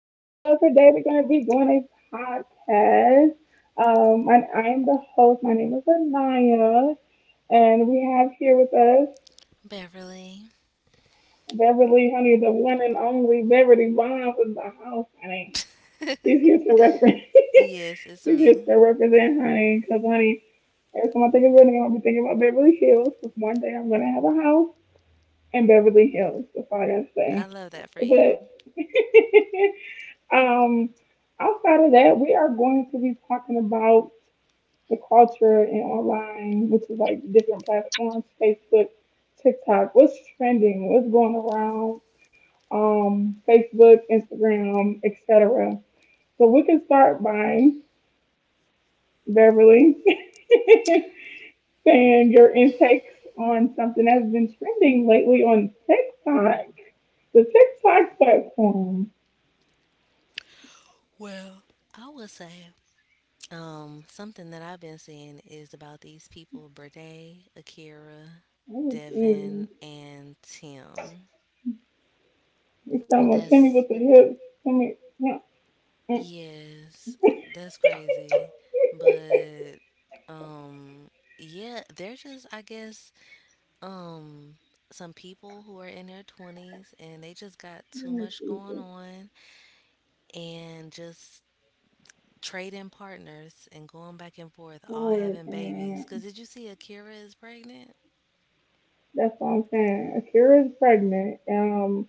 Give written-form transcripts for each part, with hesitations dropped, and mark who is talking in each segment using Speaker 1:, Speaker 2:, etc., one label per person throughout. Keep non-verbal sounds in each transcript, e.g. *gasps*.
Speaker 1: today we're going to be doing a podcast. And I am the host. My name is Anaya, and we have here with us
Speaker 2: Beverly.
Speaker 1: Beverly, honey, the one and only Beverly Bonds in the house, honey. She's here to
Speaker 2: *laughs*
Speaker 1: represent. *laughs*
Speaker 2: yes,
Speaker 1: She's
Speaker 2: it's
Speaker 1: here
Speaker 2: me.
Speaker 1: to represent, honey, because, honey, every time I think of Beverly, I'm going to be thinking about Beverly Hills, because one day I'm going to have a house in Beverly Hills. That's all I got to say.
Speaker 2: I love that for
Speaker 1: But
Speaker 2: you.
Speaker 1: *laughs* Um, Outside of that, we are going to be talking about the culture in online, which is like different platforms, Facebook, TikTok, what's trending, what's going around, Facebook, Instagram, etc. So we can start by Beverly *laughs* saying your intakes on something that's been trending lately on TikTok, the TikTok platform.
Speaker 2: Well, I will say something that I've been seeing is about these people Brede, Akira,
Speaker 1: Oh, geez.
Speaker 2: Devin, and Tim.
Speaker 1: You talking about Timmy with the
Speaker 2: That's,
Speaker 1: hips. Timmy, huh? And
Speaker 2: yes, that's crazy.
Speaker 1: *laughs*
Speaker 2: But, um, yeah, they're just, I guess, um some people who are in their 20s and they just got too much going on and just trading partners and going back and forth all
Speaker 1: what
Speaker 2: having babies because did you see Akira is pregnant?
Speaker 1: That's what I'm saying. Akira's pregnant.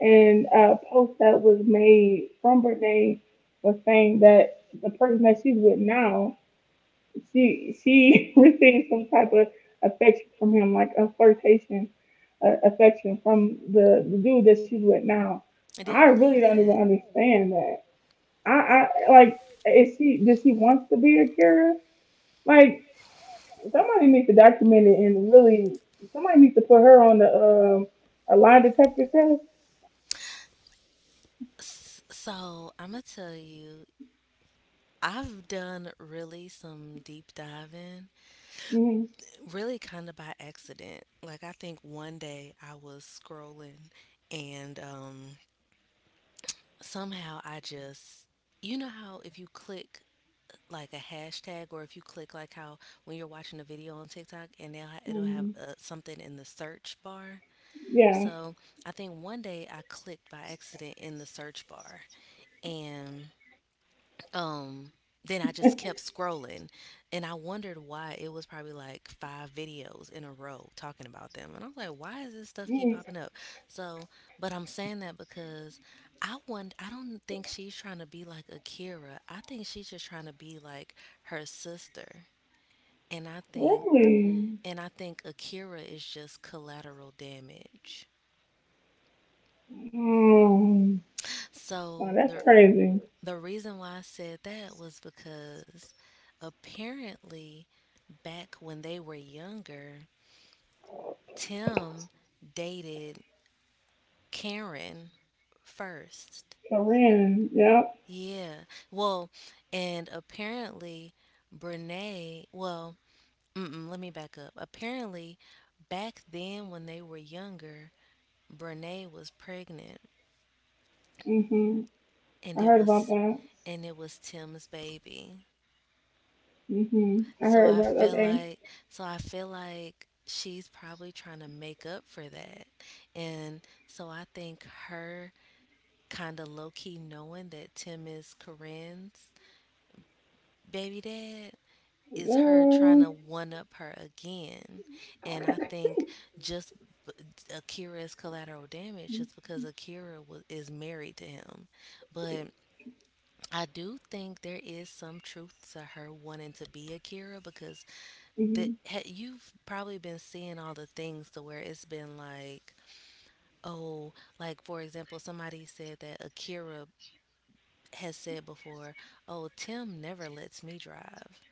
Speaker 1: And a post that was made from Brene was saying that the person that she's with now, she *laughs* received some type of affection from him, like a flirtation, affection from the dude that she's with now.
Speaker 2: Do
Speaker 1: I
Speaker 2: you
Speaker 1: really
Speaker 2: believe
Speaker 1: don't even
Speaker 2: that?
Speaker 1: understand that. I like, is she does she wants to be Akira? Like, somebody needs to document it and really, somebody needs to put her on the a lie detector test.
Speaker 2: So I'm gonna tell you, I've done really some deep diving,
Speaker 1: Mm.
Speaker 2: really kind of by accident. Like, I think one day I was scrolling and somehow I just, you know how if you click like a hashtag, or if you click like how when you're watching a video on TikTok and it'll
Speaker 1: Mm,
Speaker 2: have something in the search bar.
Speaker 1: yeah.
Speaker 2: So I think one day I clicked by accident in the search bar and um then I just
Speaker 1: *laughs*
Speaker 2: kept scrolling, and I wondered why it was probably like five videos in a row talking about them, and I was like, why does this stuff
Speaker 1: Mm.
Speaker 2: keep popping up? So, but I'm saying that because I don't think she's trying to be like Akira. I think she's just trying to be like her sister. and i think
Speaker 1: Really?
Speaker 2: and I think Akira is just collateral damage.
Speaker 1: Mm. Wow,
Speaker 2: so
Speaker 1: that's
Speaker 2: the
Speaker 1: crazy.
Speaker 2: The reason why I said that was because apparently back when they were younger, Tim dated Karen first.
Speaker 1: Corinne. Yep.
Speaker 2: Yeah. Well, and apparently Brene, well, mm-mm, let me back up. Apparently back then when they were younger, Brene was pregnant
Speaker 1: Hmm. I
Speaker 2: and
Speaker 1: heard
Speaker 2: it
Speaker 1: about
Speaker 2: was
Speaker 1: that.
Speaker 2: and it was Tim's baby.
Speaker 1: Hmm, I heard
Speaker 2: So I
Speaker 1: about.
Speaker 2: feel
Speaker 1: Okay.
Speaker 2: like, she's probably trying to make up for that. And so I think her kind of low key knowing that Tim is Corinne's baby dad is her
Speaker 1: Girl.
Speaker 2: trying to one up her again. And I think, just b- Akira is collateral damage just because is married to him. But I do think there is some truth to her wanting to be Akira because
Speaker 1: Hmm.
Speaker 2: you've probably been seeing all the things to where it's been like, oh, like for example, somebody said that Akira has said before, oh, Tim never lets me drive,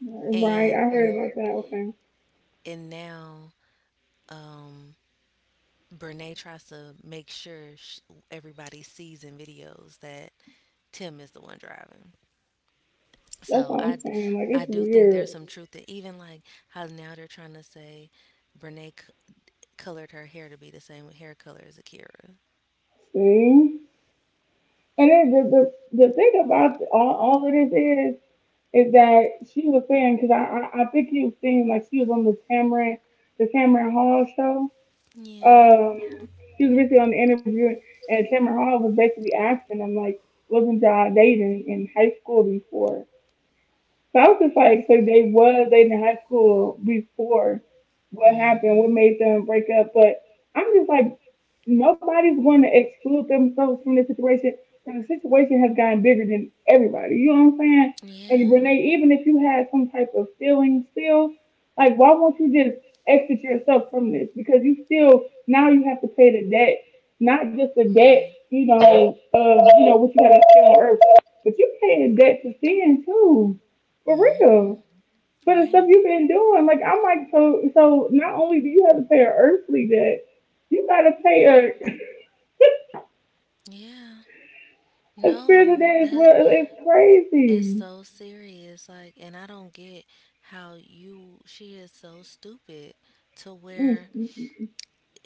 Speaker 1: Right, I
Speaker 2: and
Speaker 1: heard about that. Okay.
Speaker 2: and now um, Brene tries to make sure everybody sees in videos that Tim is the one driving.
Speaker 1: That's what
Speaker 2: So
Speaker 1: I'm saying. Like, it's
Speaker 2: I do think
Speaker 1: weird.
Speaker 2: there's some truth to even like how now they're trying to say Brene c- colored her hair to be the same hair color as Akira.
Speaker 1: See? And then the thing about all of this is that she was saying because I think you was saying like she was on the Tamron Hall show.
Speaker 2: Yeah.
Speaker 1: Um, she was basically on the interview, and Tamron Hall was basically asking them like, wasn't y'all dating in high school before? So I was just like, so they was dating in high school before. What happened? What
Speaker 2: Mm-hmm.
Speaker 1: made them break up? But I'm just like, nobody's going to exclude themselves from the situation. And the situation has gotten bigger than everybody. You know what I'm saying? And
Speaker 2: Yeah.
Speaker 1: Renee, even if you had some type of feeling still, like why won't you just exit yourself from this? Because you still now you have to pay the debt, not just the debt,
Speaker 2: Right.
Speaker 1: of you know what you gotta pay on earth, but you paying debt to sin too, for real.
Speaker 2: Mm-hmm.
Speaker 1: For the stuff
Speaker 2: Right.
Speaker 1: you've been doing, like I'm like so. So not only do you have to pay an earthly debt, you gotta pay a.
Speaker 2: Yeah.
Speaker 1: I feel
Speaker 2: No,
Speaker 1: today as
Speaker 2: that
Speaker 1: well. It's
Speaker 2: is
Speaker 1: crazy.
Speaker 2: so serious. Like, and I don't get she is so stupid to
Speaker 1: Mm.
Speaker 2: where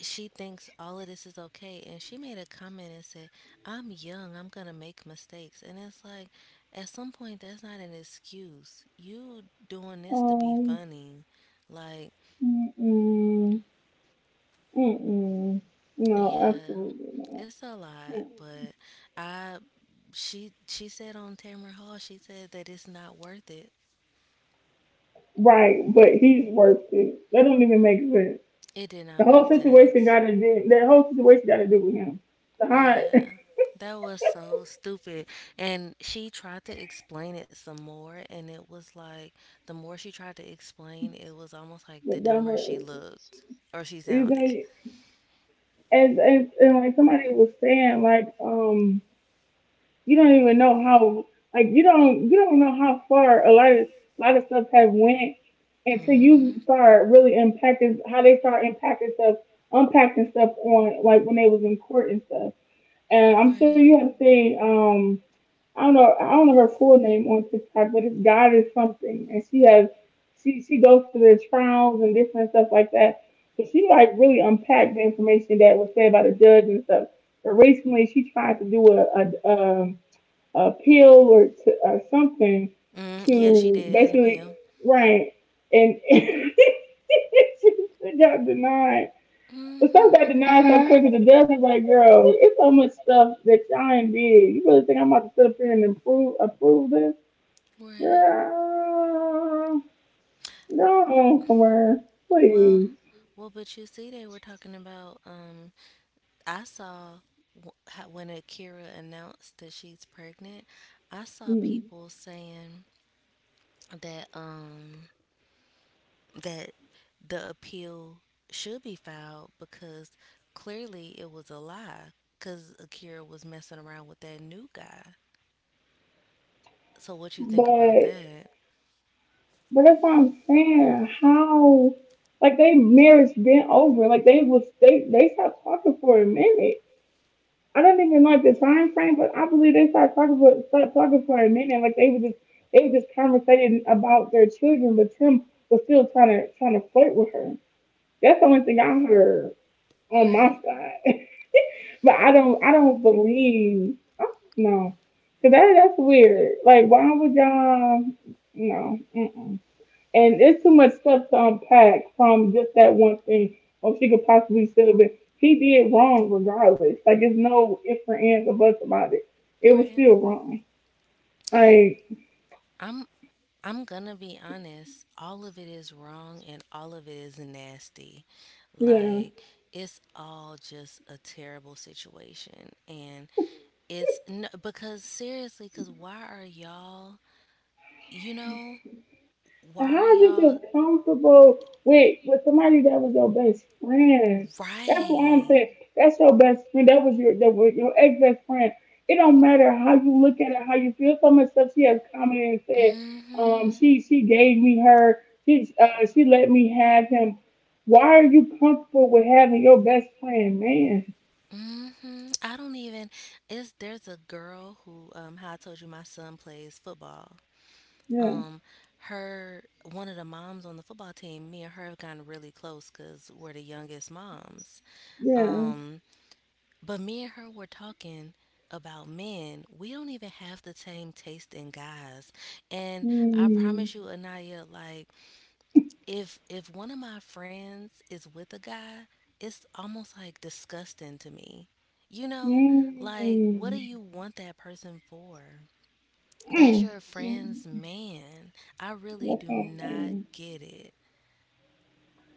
Speaker 2: she thinks all of this is okay, and she made a comment and said, I'm young, I'm gonna make mistakes. And it's like, at some point that's not an excuse, you doing this to be
Speaker 1: Um,
Speaker 2: funny. Like,
Speaker 1: mm-mm, mm-mm. No,
Speaker 2: yeah,
Speaker 1: absolutely not.
Speaker 2: it's a
Speaker 1: Mm.
Speaker 2: lot. But I she said on Tamara Hall, she said that it's not worth it.
Speaker 1: Right, but he's worth it. That don't even make sense.
Speaker 2: It did
Speaker 1: The
Speaker 2: not
Speaker 1: whole
Speaker 2: make
Speaker 1: situation got
Speaker 2: sense.
Speaker 1: to do. That whole situation got to do with him. The hot, *laughs*
Speaker 2: Yeah, that was so stupid. And she tried to explain it some more, and it was like the more she tried to explain, it was almost like
Speaker 1: but
Speaker 2: the
Speaker 1: that
Speaker 2: dumber she
Speaker 1: was-
Speaker 2: looked or she
Speaker 1: you
Speaker 2: sounded.
Speaker 1: know, *laughs* and like somebody was saying, like. You don't even know how, like, you don't know how far a lot of stuff have went, until you
Speaker 2: Mm-hmm.
Speaker 1: start really impacting how they start impacting stuff, unpacking stuff on like when they was in court and stuff. And I'm sure you
Speaker 2: Right.
Speaker 1: have seen. I don't know, I don't know her full name on TikTok, but it's God is something, and she has, she goes through the trials and different stuff like that. So she like really unpacked the information that was said by the judge and stuff. But recently she tried to do a pill or something,
Speaker 2: Mm, yeah, she
Speaker 1: to
Speaker 2: did in the
Speaker 1: basically,
Speaker 2: pill.
Speaker 1: right, and *laughs* it got denied. The stuff got
Speaker 2: Mm-hmm.
Speaker 1: denied so quick, and the judge was like, "Girl, it's so much stuff that y'all ain't did. You really think I'm about to sit up here and approve this?
Speaker 2: Right.
Speaker 1: Girl, go somewhere, please."
Speaker 2: Well, well, but you see, they were talking about, I saw how when Akira announced that she's pregnant, I saw
Speaker 1: Mm.
Speaker 2: people saying that that the appeal should be filed because clearly it was a lie, cuz Akira was messing around with that new guy. So what you think about
Speaker 1: But
Speaker 2: that?
Speaker 1: but that's what I'm saying. How, like, they marriage been over? Like they was, they stopped talking for a minute. I don't even like the time frame, but I believe they started talking for a minute. Like they were just conversating about their children, but Tim was still trying to flirt with her. That's the only thing I heard on my
Speaker 2: Right.
Speaker 1: side. *laughs* but I don't, I don't believe, I don't know. Cause that's weird. Like why would y'all, no. Mm-mm. And it's too much stuff to unpack from just that one thing, or she could possibly still be. He did wrong regardless. Like, it's no ifs or ands or buts about it. It was
Speaker 2: Right.
Speaker 1: still wrong. Like,
Speaker 2: I'm I'm gonna be honest, all of it is wrong and all of it is nasty.
Speaker 1: yeah.
Speaker 2: Like, it's all just a terrible situation. And it's no, because seriously, because you know,
Speaker 1: And
Speaker 2: why are
Speaker 1: how did you feel
Speaker 2: y'all,
Speaker 1: comfortable with somebody that was your best friend? That's what I'm
Speaker 2: right?
Speaker 1: saying. That's your best friend. That was your, that was your ex best friend. It don't matter how you look at it, how you feel. So much stuff she has commented and said.
Speaker 2: Mm
Speaker 1: Um,
Speaker 2: hmm.
Speaker 1: she she gave me her. She, she let me have him. Why are you comfortable with having your best friend, man?
Speaker 2: Mm-hmm. I don't even. It's there's a girl who how I told you my son plays football,
Speaker 1: Yeah,
Speaker 2: um her one of the moms on the football team, me and her have gotten really close because we're the youngest moms.
Speaker 1: yeah.
Speaker 2: um but me and her were talking about men. We don't even have the same taste in guys. And I
Speaker 1: Mm,
Speaker 2: promise you, Anaya, like if one of my friends is with a guy, it's almost like disgusting to me. You know, like what do
Speaker 1: mm,
Speaker 2: you want that person for?
Speaker 1: mm.
Speaker 2: That's your friend's
Speaker 1: That's
Speaker 2: man. I
Speaker 1: what
Speaker 2: really do
Speaker 1: I'm
Speaker 2: not
Speaker 1: saying.
Speaker 2: get it.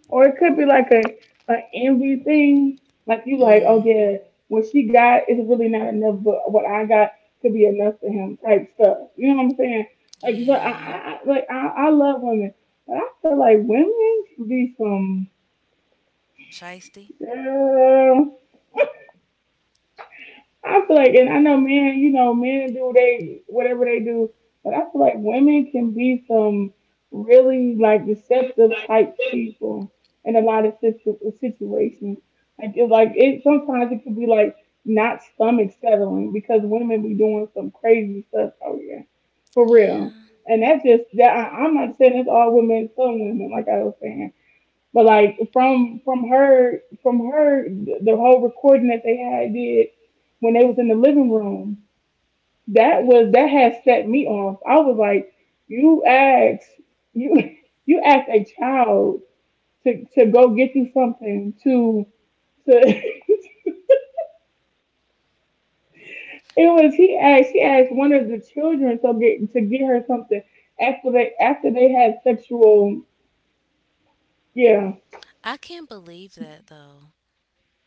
Speaker 1: Or it could be like a envy thing. Like you like, oh
Speaker 2: Mm,
Speaker 1: yeah, what she got is really not enough, but what I got could be enough for him type stuff. You know what I'm saying? Like, so I,
Speaker 2: yeah.
Speaker 1: I like I, I love women. But I feel like women can be some,
Speaker 2: Shiesty?
Speaker 1: girl. I feel like, and I know men, men do they whatever they do, but I feel like women can be some really like deceptive type people in a lot of situations. Like it's like, it sometimes it can be like not stomach settling because women be doing some crazy stuff. Oh yeah, for real.
Speaker 2: Yeah.
Speaker 1: And that's just that, I'm not saying it's all women, some women, like I was saying. But like from her the whole recording that they had did, when they was in the living room, that had set me off. I was like, you asked you *laughs* you asked a child to go get you something to *laughs* it was, he asked she asked one of the children to get her something, after they had sexual, yeah.
Speaker 2: I can't believe that though.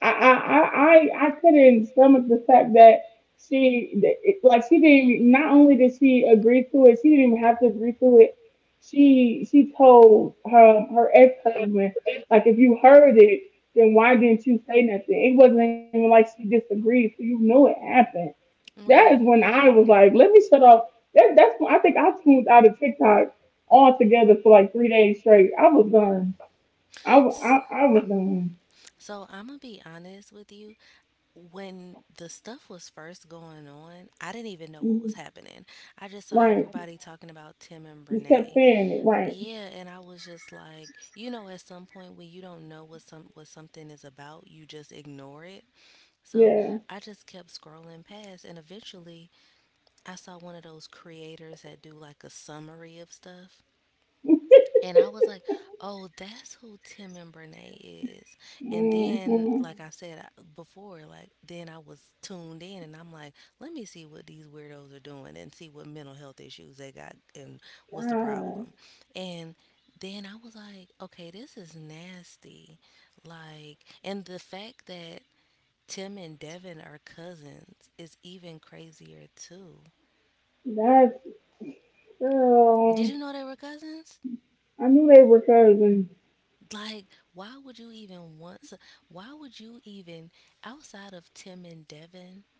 Speaker 1: I couldn't stomach the fact that she that it- like she didn't, not only did she agree to it, she didn't even have to agree to it. She told her ex husband, like, if you heard it, then why didn't you say nothing? It wasn't even like she disagreed, so you knew it happened. That is when
Speaker 2: Right.
Speaker 1: I was like, let me shut off. That's when I think I tuned out of TikTok altogether for like 3 days straight. I was done. I wa-
Speaker 2: S-
Speaker 1: I, I was done.
Speaker 2: So I'm gonna be honest with you. When the stuff was first going on, I didn't even know what was
Speaker 1: Mhm.
Speaker 2: happening. I just saw
Speaker 1: Right.
Speaker 2: everybody talking about Tim and
Speaker 1: You kept
Speaker 2: Brene.
Speaker 1: saying it, right?
Speaker 2: Yeah, and I was just like, you know, at some point when you don't know what something is about, you just ignore it. So
Speaker 1: Yeah.
Speaker 2: I just kept scrolling past, and eventually I saw one of those creators that do like a summary of stuff. And I was like, oh, that's who Tim and Brene is. And then,
Speaker 1: Hmm.
Speaker 2: like I said before, like, then I was tuned in and I'm like, let me see what these weirdos are doing and see what mental health issues they got and what's the
Speaker 1: God,
Speaker 2: problem. And then I was like, okay, this is nasty. Like, and the fact that Tim and Devin are cousins is even crazier, too.
Speaker 1: that's, girl.
Speaker 2: Did you know they were cousins?
Speaker 1: I knew they were cousins.
Speaker 2: Like, why would you even want? So, why would you even, outside of Tim and Devin?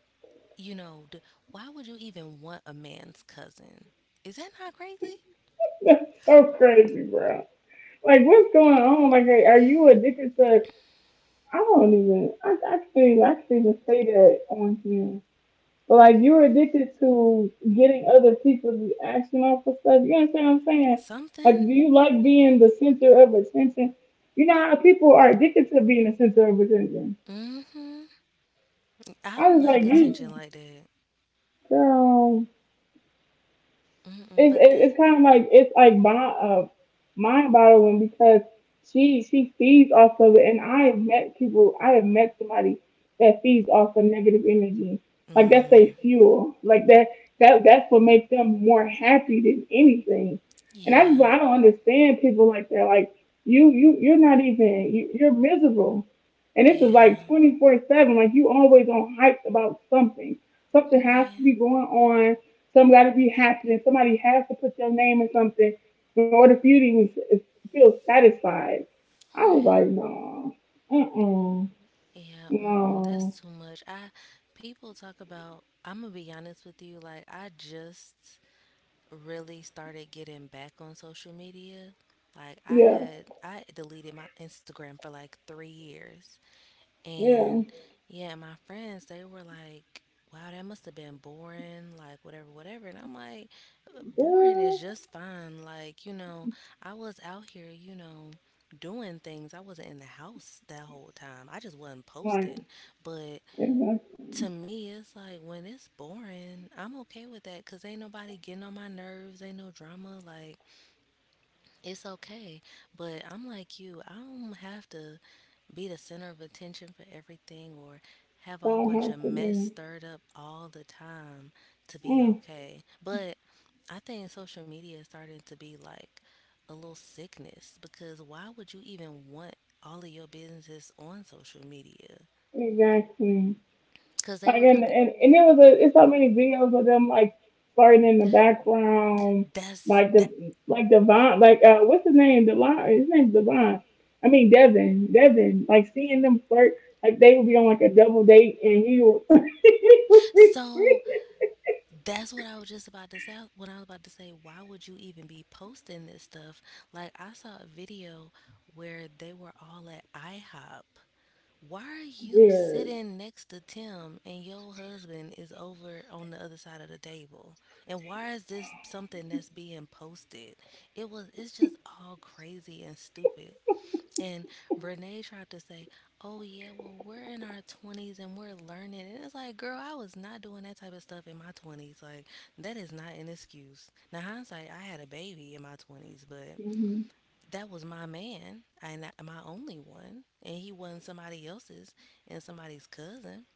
Speaker 2: You know, d- why would you even want a man's cousin? Is that not crazy?
Speaker 1: *laughs* That's so crazy, bro. Like, what's going on? Like, are you addicted to? I don't even. I feel I can even say that on here. But like, you're addicted to getting other people's reaction off of stuff. You understand what I'm saying? Like,
Speaker 2: Something.
Speaker 1: do you like being the center of attention? You know how people are addicted to being the center of attention.
Speaker 2: Mm-hmm. I
Speaker 1: I was
Speaker 2: don't
Speaker 1: like,
Speaker 2: like attention
Speaker 1: you.
Speaker 2: like that.
Speaker 1: Girl,
Speaker 2: Mm-mm.
Speaker 1: it's, it,
Speaker 2: But that.
Speaker 1: it's kind of like, it's like, mind boggling, because she feeds off of it, and I have met people, I have met somebody that feeds off of negative energy, like that's their
Speaker 2: Mm.
Speaker 1: fuel, like that that's what makes them more happy than anything, and that's why
Speaker 2: Yeah.
Speaker 1: I don't understand people like that. Like you're not even you, you're miserable, and this is like
Speaker 2: Yeah.
Speaker 1: 24/7. Like you always on hype about something, something has to be
Speaker 2: Right.
Speaker 1: going on, some got to be happening. Somebody has to put your name in something in order for you to even feel satisfied. I was like,
Speaker 2: Right.
Speaker 1: no, mm-mm,
Speaker 2: Yeah, mm-mm,
Speaker 1: no,
Speaker 2: that's too much. I People talk about. I'm gonna be honest with you. Like I just really started getting back on social media. Like
Speaker 1: yeah,
Speaker 2: I deleted my Instagram for like 3 years.
Speaker 1: yeah,
Speaker 2: And yeah, my friends, they were like, wow, that must have been boring, like whatever, whatever. And I'm like, Uh, boring
Speaker 1: girl,
Speaker 2: is just fine. Like, you know, I was out here, you know, doing things. I wasn't in the house that whole time. I just wasn't
Speaker 1: like,
Speaker 2: posting. But
Speaker 1: it doesn't,
Speaker 2: to me, it's like when it's boring, I'm okay with that because ain't nobody getting on my nerves, ain't no drama. Like, it's okay. But I'm like you, I don't have to be the center of attention for everything or have a whole
Speaker 1: don't
Speaker 2: bunch
Speaker 1: have
Speaker 2: of
Speaker 1: to
Speaker 2: mess
Speaker 1: be.
Speaker 2: stirred up all the time to be
Speaker 1: Mm,
Speaker 2: okay. But I think social media is starting to be like a little sickness because why would you even want all of your businesses on social media?
Speaker 1: exactly.
Speaker 2: Because they
Speaker 1: Like,
Speaker 2: were
Speaker 1: and
Speaker 2: talking,
Speaker 1: and, and it was it's so many videos of them like flirting in the background,
Speaker 2: that's
Speaker 1: like
Speaker 2: that.
Speaker 1: the like Devon, like, what's his name? Devon, his name's Devon. I mean, Devin, Devin. Like seeing them flirt, like they would be on like a double date, and he would. *laughs*
Speaker 2: So, that's what I was just about to say. Why would you even be posting this stuff? Like, I saw a video where they were all at IHOP. Why are you
Speaker 1: Weird.
Speaker 2: sitting next to Tim and your husband is over on the other side of the table? And why is this something that's being posted? It's just all crazy and stupid. And Brene tried to say, oh, yeah, well, we're in our 20s and we're learning. And it's like, girl, I was not doing that type of stuff in my 20s. Like, that is not an excuse. Now, hindsight, I had a baby in my 20s, but
Speaker 1: Hmm.
Speaker 2: that was my man, and my only one. And he wasn't somebody else's and somebody's cousin.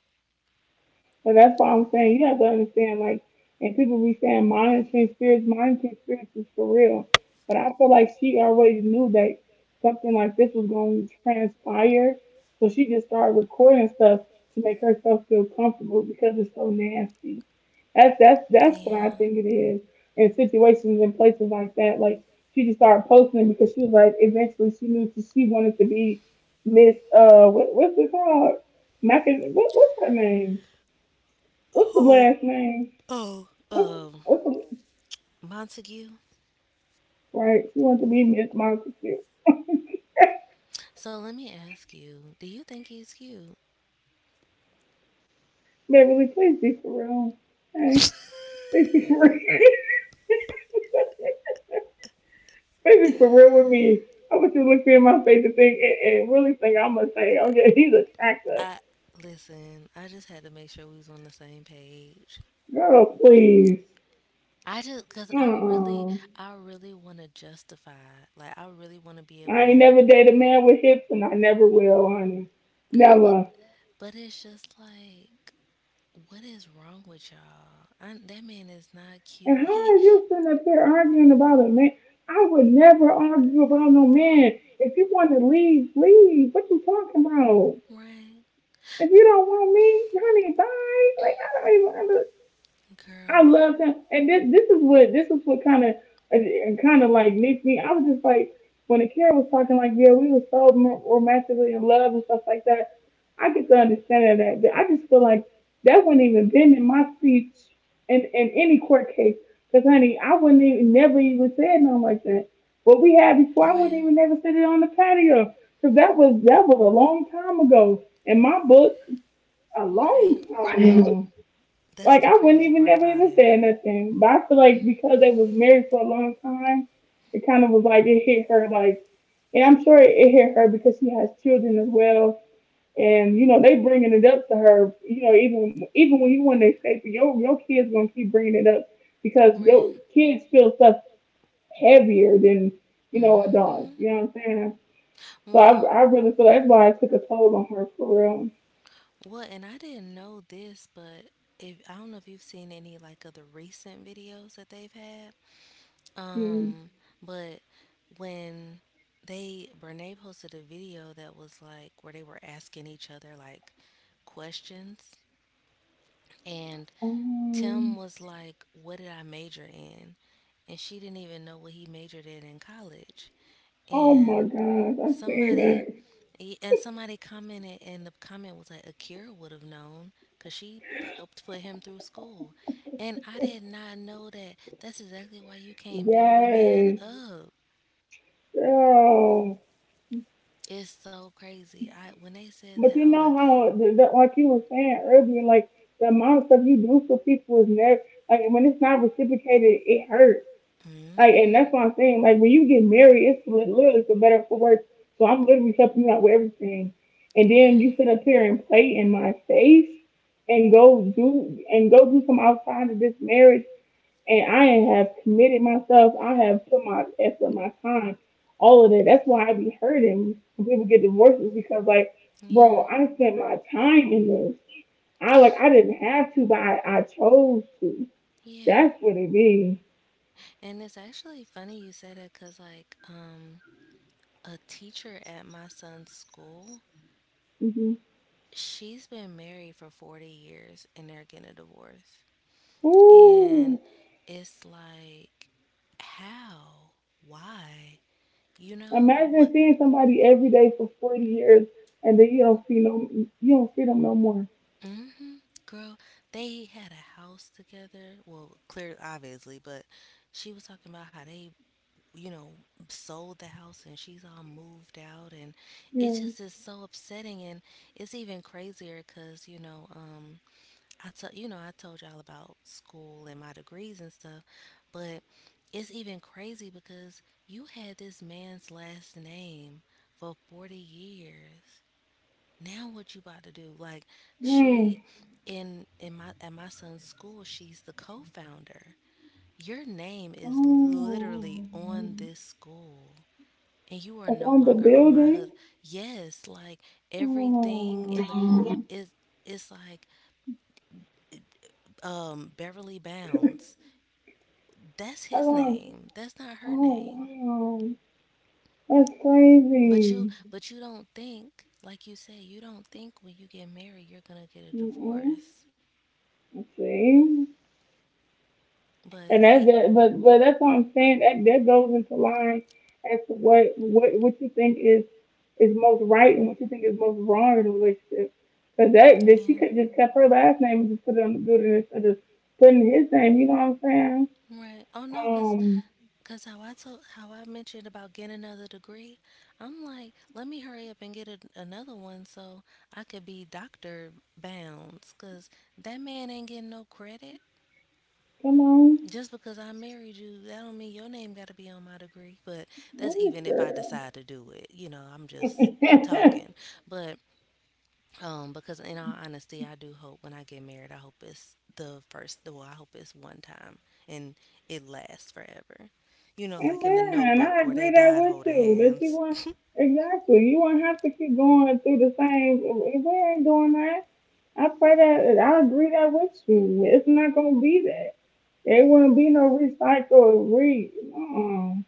Speaker 1: And that's why I'm saying you have to understand, like, and people be saying monitoring spirits is for real. But I feel like she already knew that something like this was going to transpire. So she just started recording stuff to make herself feel comfortable because it's so nasty. That's what I
Speaker 2: Yeah.
Speaker 1: think it is. In situations and places like that, like she just started posting it because she was like, eventually she knew she wanted to be Miss what, what's it called? Mac what, what's her name? What's the
Speaker 2: Who?
Speaker 1: last name?
Speaker 2: Oh,
Speaker 1: What's what's the
Speaker 2: Montague.
Speaker 1: Right? You want to be Miss Monster too?
Speaker 2: So let me ask you, do you think he's cute?
Speaker 1: Beverly, please be for real. Hey, please be for
Speaker 2: *laughs*
Speaker 1: real. *laughs* Please be for real with me. I want you to look me in my face and think and really think I'm gonna say, oh yeah, *laughs* he's attractive.
Speaker 2: I listen. I just had to make sure we was on the same page.
Speaker 1: Girl, please.
Speaker 2: I just because
Speaker 1: Uh-uh.
Speaker 2: I really want to justify. Like I really want to be
Speaker 1: I
Speaker 2: able
Speaker 1: ain't
Speaker 2: to,
Speaker 1: never dated a man with hips, and I never will, honey.
Speaker 2: girl. But
Speaker 1: Never.
Speaker 2: but it's just like, what is wrong with y'all? That man is not
Speaker 1: And
Speaker 2: cute.
Speaker 1: how are
Speaker 2: He
Speaker 1: you sitting up there arguing about a man? I would never argue about no man. If you want to leave, leave. What you talking about?
Speaker 2: right,
Speaker 1: If you don't want me, honey, bye. Like I don't even. Under, I
Speaker 2: girl.
Speaker 1: love that, and this is what kind of like makes me. I was just like when Akira was talking like, yeah, we were so romantically in love and stuff like that. I get the understanding of that, but I just feel like that wouldn't even been in my speech in any court case. Cause honey, I wouldn't even never even said nothing like that. What we had before, I wouldn't
Speaker 2: Right,
Speaker 1: even never said it on the patio. Cause that was a long time ago in my book, a long
Speaker 2: right.
Speaker 1: time ago.
Speaker 2: That's
Speaker 1: Like
Speaker 2: the
Speaker 1: I wouldn't
Speaker 2: crazy
Speaker 1: even
Speaker 2: part
Speaker 1: never
Speaker 2: about
Speaker 1: even
Speaker 2: it.
Speaker 1: said nothing. But I feel like because they was married for a long time, it kind of was like it hit her like, and I'm sure it hit her because she has children as well. And you know they bringing it up to her. You know even when you want to escape, your kids gonna keep bringing it up because your
Speaker 2: Right.
Speaker 1: kids feel stuff heavier than you know adults.
Speaker 2: Hmm.
Speaker 1: You know what I'm saying? So
Speaker 2: Well,
Speaker 1: I really feel that's why it took a toll on her for real.
Speaker 2: well, and I didn't know this, but if I don't know if you've seen any like of the recent videos that they've had.
Speaker 1: Hmm.
Speaker 2: Um, but when they Brene posted a video that was like where they were asking each other like questions, and Tim
Speaker 1: Um,
Speaker 2: was like, what did I major in? And she didn't even know what he majored in college.
Speaker 1: oh my
Speaker 2: And
Speaker 1: God, I've seen
Speaker 2: Somebody,
Speaker 1: that.
Speaker 2: somebody commented, and the comment was like, Akira would have known because she helped put him through school. And I did not know that. That's exactly why you can't build a man
Speaker 1: Yes,
Speaker 2: up.
Speaker 1: girl.
Speaker 2: It's so crazy. I When they said
Speaker 1: But
Speaker 2: that,
Speaker 1: you
Speaker 2: I was
Speaker 1: know
Speaker 2: like,
Speaker 1: how, like you were saying earlier, like the amount of stuff you do for people is never, like when it's not reciprocated, it hurts. Like, and
Speaker 2: mm-hmm,
Speaker 1: that's what I'm saying. Like when you get married, it's literally for better or for worse. So I'm literally helping you out with everything. And then you
Speaker 2: right,
Speaker 1: sit up here and play in my face and go do some outside of this marriage. And I have committed myself. I have put my effort, my time, all of that. That's why I be hurting when people get divorces because, like,
Speaker 2: yeah,
Speaker 1: bro, I spent my time in this. I didn't have to, but I chose to.
Speaker 2: yeah.
Speaker 1: That's what it is.
Speaker 2: And it's actually funny you say that because, like, a teacher at my son's school,
Speaker 1: Mm-hmm.
Speaker 2: she's been married for 40 years and they're getting a divorce.
Speaker 1: Ooh,
Speaker 2: And it's like, how? Why? You know
Speaker 1: imagine
Speaker 2: what?
Speaker 1: seeing somebody every day for 40 years and then you don't see no, you don't see them no more.
Speaker 2: mm hmm Girl, they had a house together. Well, clear, obviously, but she was talking about how they, you know, sold the house and she's all moved out, and it
Speaker 1: Yeah.
Speaker 2: just is so upsetting, and it's even crazier because I tell you know I told y'all about school and my degrees and stuff, but it's even crazy because you had this man's last name for 40 years. Now what you about to do? Like
Speaker 1: Mm.
Speaker 2: she in my at my son's school, she's the co-founder. Your name is literally
Speaker 1: Oh,
Speaker 2: on this school. And you are
Speaker 1: that's
Speaker 2: no
Speaker 1: on the
Speaker 2: longer on my
Speaker 1: building.
Speaker 2: hus. Yes, like everything
Speaker 1: Oh.
Speaker 2: in the is it's like Beverly Bounds. That's his
Speaker 1: Oh,
Speaker 2: name. That's not her
Speaker 1: oh
Speaker 2: name.
Speaker 1: wow. That's
Speaker 2: But
Speaker 1: crazy.
Speaker 2: you but you don't think, like you say, you don't think when you get married you're gonna get a
Speaker 1: Mm-hmm.
Speaker 2: divorce.
Speaker 1: See? And
Speaker 2: But
Speaker 1: that's
Speaker 2: he
Speaker 1: that, but that's what I'm saying. That that goes into line as to what you think is most right and what you think is most wrong in a relationship. Cause that she could
Speaker 2: yeah.
Speaker 1: just kept her last name and just put it on the building instead of putting his name. You know what I'm saying?
Speaker 2: Right. Oh no, cause,
Speaker 1: Um,
Speaker 2: cause how I mentioned about getting another degree, I'm like, let me hurry up and get a, another one so I could be doctor bounds, cause that man ain't getting no credit.
Speaker 1: come on,
Speaker 2: Just because I married you, that don't mean your name got to be on my degree. But
Speaker 1: what
Speaker 2: that's even if I
Speaker 1: is
Speaker 2: decide to do it. You know, I'm just
Speaker 1: that?
Speaker 2: talking.
Speaker 1: *laughs*
Speaker 2: But because in all honesty, I do hope when I get married, I hope it's the first. Well, I hope it's one time and it lasts forever. You know, like in the
Speaker 1: Amen. I
Speaker 2: Notebook where
Speaker 1: agree
Speaker 2: they
Speaker 1: that
Speaker 2: died
Speaker 1: with
Speaker 2: holding
Speaker 1: you. That you
Speaker 2: hands.
Speaker 1: want
Speaker 2: *laughs*
Speaker 1: exactly. You won't have to keep going through the same. We ain't doing that. I pray that I agree that with you. It's not gonna be that. There wouldn't be no recycle, re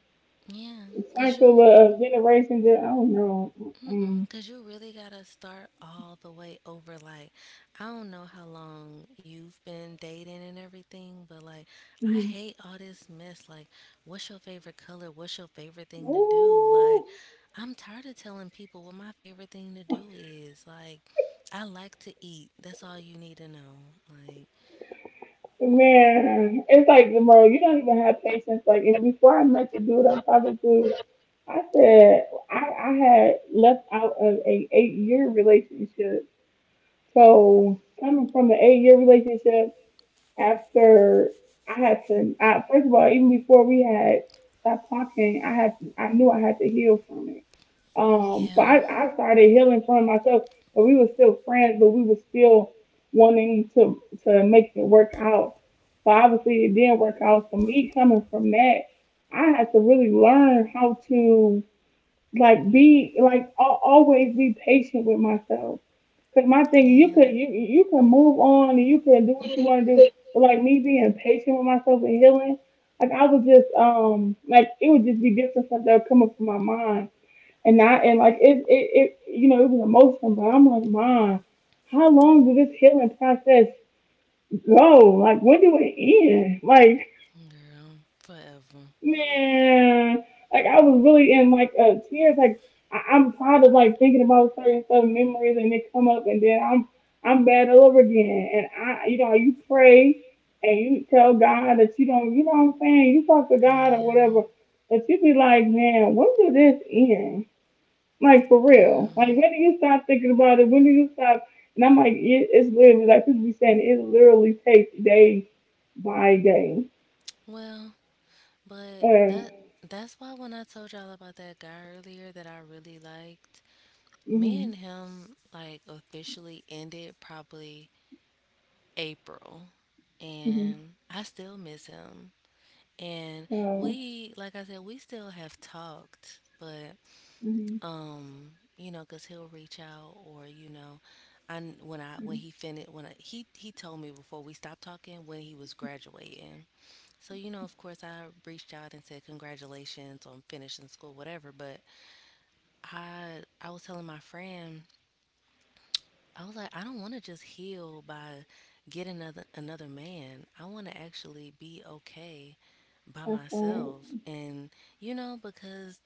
Speaker 2: Yeah, cause
Speaker 1: cycle
Speaker 2: you
Speaker 1: of generations. I don't know. Mm-mm.
Speaker 2: mm-mm, cause you really gotta start all the way over. Like, I don't know how long you've been dating and everything, but like, I
Speaker 1: Mm.
Speaker 2: hate all this mess. Like, what's your favorite color? What's your favorite thing to do?
Speaker 1: Ooh,
Speaker 2: Like, I'm tired of telling people what my favorite thing to do is. Like, I like to eat. That's all you need to know. Like,
Speaker 1: man, it's like the bro. You don't even have patience. Like and before I met the dude I'm talking to. I said I had left out of a 8 year relationship. So coming from an 8 year relationship after I had to I, first of all, even before we had stopped talking, I knew I had to heal from it. So
Speaker 2: yeah,
Speaker 1: I started healing from myself, but we were still friends, but we were still wanting to make it work out. But obviously it didn't work out. So me coming from that, I had to really learn how to be like always be patient with myself. Cause my thing, you could
Speaker 2: yeah,
Speaker 1: you can move on and you can do what you want to do. But like me being patient with myself and healing, like I was just like it would just be different stuff that would come up in my mind and not and like it you know it was emotional, but I'm like mom, how long will this healing process go? Like when do it end? Like
Speaker 2: girl, forever.
Speaker 1: man, like I was really in like tears. Like I'm proud of like thinking about certain stuff, memories, and they come up, and then I'm bad all over again. And I, you know, you pray and you tell God that you don't, you know what I'm saying? You talk to God or
Speaker 2: Yeah,
Speaker 1: whatever, but you be like, man, when do this end? Like for real? Like
Speaker 2: girl.
Speaker 1: when do you stop thinking about it? When do you stop? And I'm like, it's literally like people be saying it literally takes day by day.
Speaker 2: Well, But
Speaker 1: Uh,
Speaker 2: that that's why when I told y'all about that guy earlier that I really liked, me
Speaker 1: hmm.
Speaker 2: and him like officially ended probably April. And I still miss him. And
Speaker 1: So
Speaker 2: we, like I said, we still have talked, but
Speaker 1: mhm,
Speaker 2: you know because he'll reach out or you know I kn- when I when he finished when I, he told me before we stopped talking when he was graduating, so you know of course I reached out and said congratulations on finishing school whatever, but I was telling my friend, I was like I don't want to just heal by getting another man, I want to actually be okay by
Speaker 1: that's like,
Speaker 2: myself, and you know, because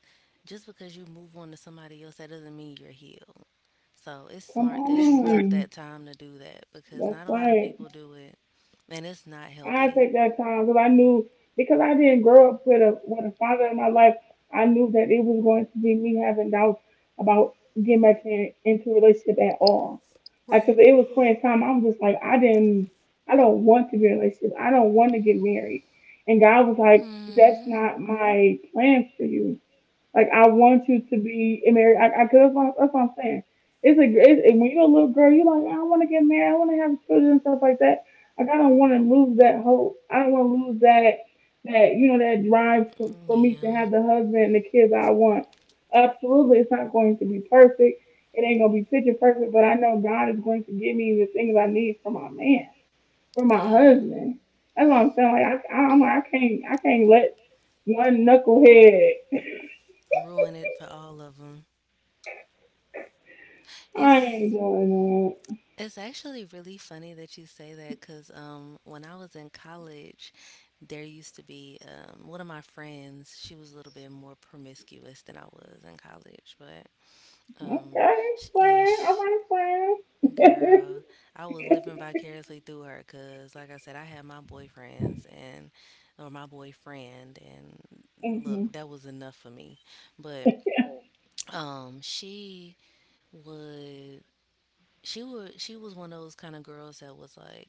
Speaker 2: just because you move on to somebody else that doesn't mean you're healed, so it's
Speaker 1: come
Speaker 2: smart that you took
Speaker 1: on,
Speaker 2: that time to do that because
Speaker 1: that's
Speaker 2: not a lot of
Speaker 1: like
Speaker 2: people do it and it's not
Speaker 1: I
Speaker 2: healthy.
Speaker 1: take that time because I knew because I didn't grow up with a father in my life. I knew that it was going to be me having doubts about getting back into a relationship at all. Like, cause
Speaker 2: Right.
Speaker 1: it was a point in time I was just like, I don't want to be in a relationship. I don't want to get married. And God was like, that's
Speaker 2: Hmm.
Speaker 1: not my plan for you. Like I want you to be married. I cause that's what I'm saying. And when you're a little girl, you're like, I want to get married. I want to have children and stuff like that. Like I don't want to lose that hope. I don't want to lose that you know that drive for me to
Speaker 2: Yeah.
Speaker 1: have the husband and the kids I want. Absolutely, it's not going to be perfect. It ain't gonna be picture perfect, but I know God is going to give me the things I need for my man, for my
Speaker 2: Yeah.
Speaker 1: husband. That's what I'm saying. Like I'm like I can't let one knucklehead.
Speaker 2: Ruin it for all of them.
Speaker 1: I
Speaker 2: It's
Speaker 1: ain't doing it.
Speaker 2: It's actually really funny that you say that because when I was in college, there used to be one of my friends. She was a little bit more promiscuous than I was in college, but um,
Speaker 1: Okay,
Speaker 2: sh yeah,
Speaker 1: plan. I
Speaker 2: sh
Speaker 1: want to plan.
Speaker 2: Girl, I was living vicariously through her because, like I said, I had my boyfriends and, or my boyfriend, and
Speaker 1: *laughs* Hmm.
Speaker 2: look, that was enough for me. But she would, she was one of those kind of girls that was like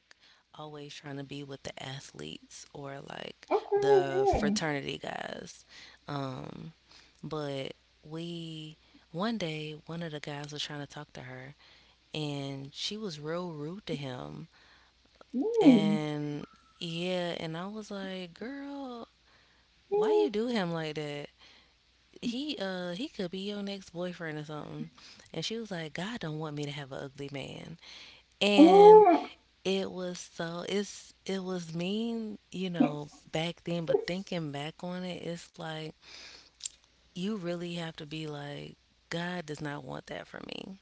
Speaker 2: always trying to be with the athletes or like
Speaker 1: Okay,
Speaker 2: the
Speaker 1: yeah.
Speaker 2: fraternity guys. Um, but we, one day, one of the guys was trying to talk to her and she was real rude to him.
Speaker 1: Mm.
Speaker 2: And yeah, and I was like, girl, why
Speaker 1: Mm.
Speaker 2: you do him like that? He could be your next boyfriend or something. And she was like, God don't want me to have an ugly man. And
Speaker 1: Uh,
Speaker 2: it was so it's it was mean, you know, back then, but thinking back on it, it's like you really have to be like, God does not want that for me.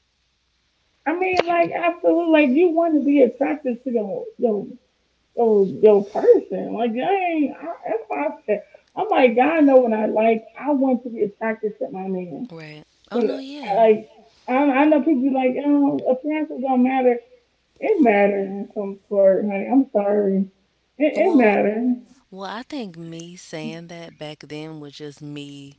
Speaker 1: I mean, like, I feel like you want to be attracted to your person. Like, dang, that's why I said, I'm like, God know what I like. I want to be attracted to my man.
Speaker 2: Right. Oh
Speaker 1: 'Cause,
Speaker 2: no, yeah.
Speaker 1: like, I know people be like, oh, appearances don't matter. It matters in some sort, honey. I'm sorry. It
Speaker 2: Well,
Speaker 1: matters.
Speaker 2: well, I think me saying that back then was just me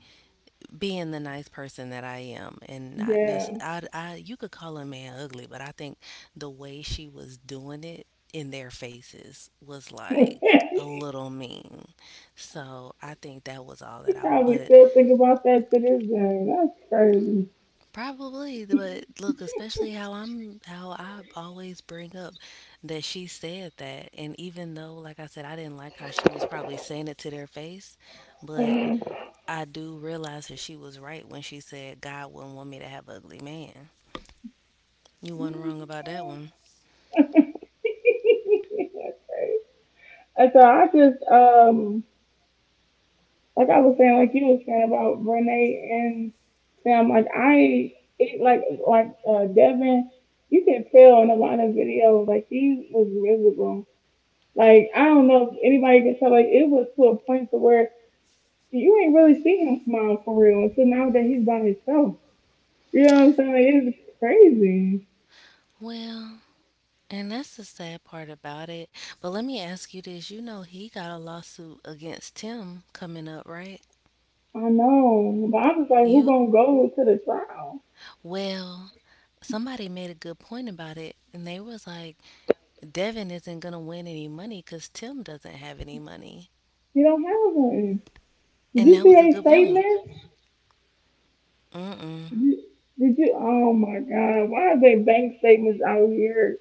Speaker 2: being the nice person that I am, and not
Speaker 1: Yeah.
Speaker 2: necessarily. You could call a man ugly, but I think the way she was doing it in their faces was
Speaker 1: *laughs*
Speaker 2: like a
Speaker 1: You
Speaker 2: little mean. So I think that was all that I.
Speaker 1: probably
Speaker 2: But
Speaker 1: still think about that to this day. That's crazy.
Speaker 2: probably, but look, especially how I always bring up that she said that, and even though like I said I didn't like how she was probably saying it to their face, but
Speaker 1: Mhm. *laughs*
Speaker 2: I do realize that she was right when she said God wouldn't want me to have ugly man. You weren't wrong about that one.
Speaker 1: That's crazy. And so I just like I was saying, like you was saying about Brene and Sam, like I it like Devin, you can tell in a lot of videos, like she was miserable. Like I don't know if anybody can tell, like it was to a point to where you ain't really see him smile for real until now that he's by himself. You know what I'm saying? It's crazy.
Speaker 2: Well, and that's the sad part about it. But let me ask you this, you know he got a lawsuit against Tim coming up, right?
Speaker 1: I know. But I was like, who
Speaker 2: You
Speaker 1: gonna go to the trial?
Speaker 2: well, somebody made a good point about it, and they was like, Devin isn't gonna win any money because Tim doesn't have any money,
Speaker 1: You don't have one. Did
Speaker 2: and
Speaker 1: you
Speaker 2: that
Speaker 1: see
Speaker 2: was a
Speaker 1: their
Speaker 2: good point.
Speaker 1: statements?
Speaker 2: Mm-mm.
Speaker 1: Did you, did you oh my god, why are they bank statements out here?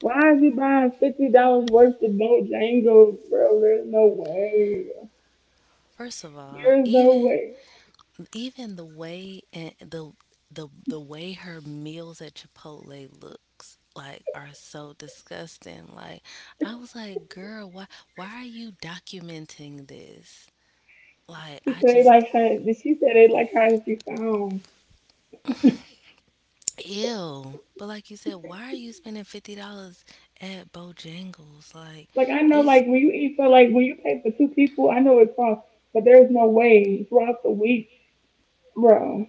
Speaker 1: Why is you buying $50 worth of Bojangles, bro? There's no way.
Speaker 2: First of all,
Speaker 1: There's no
Speaker 2: even
Speaker 1: way.
Speaker 2: even the way and the way her meals at Chipotle looks like are so disgusting. Like I was like, girl, why are you documenting this? Like I just
Speaker 1: She said they like how she sounds.
Speaker 2: ew. But like you said, why are you spending $50 at Bojangles? Like
Speaker 1: Like I know
Speaker 2: it's
Speaker 1: like when you eat for when you pay for 2 people, I know it costs, but there's no way throughout the week, bro.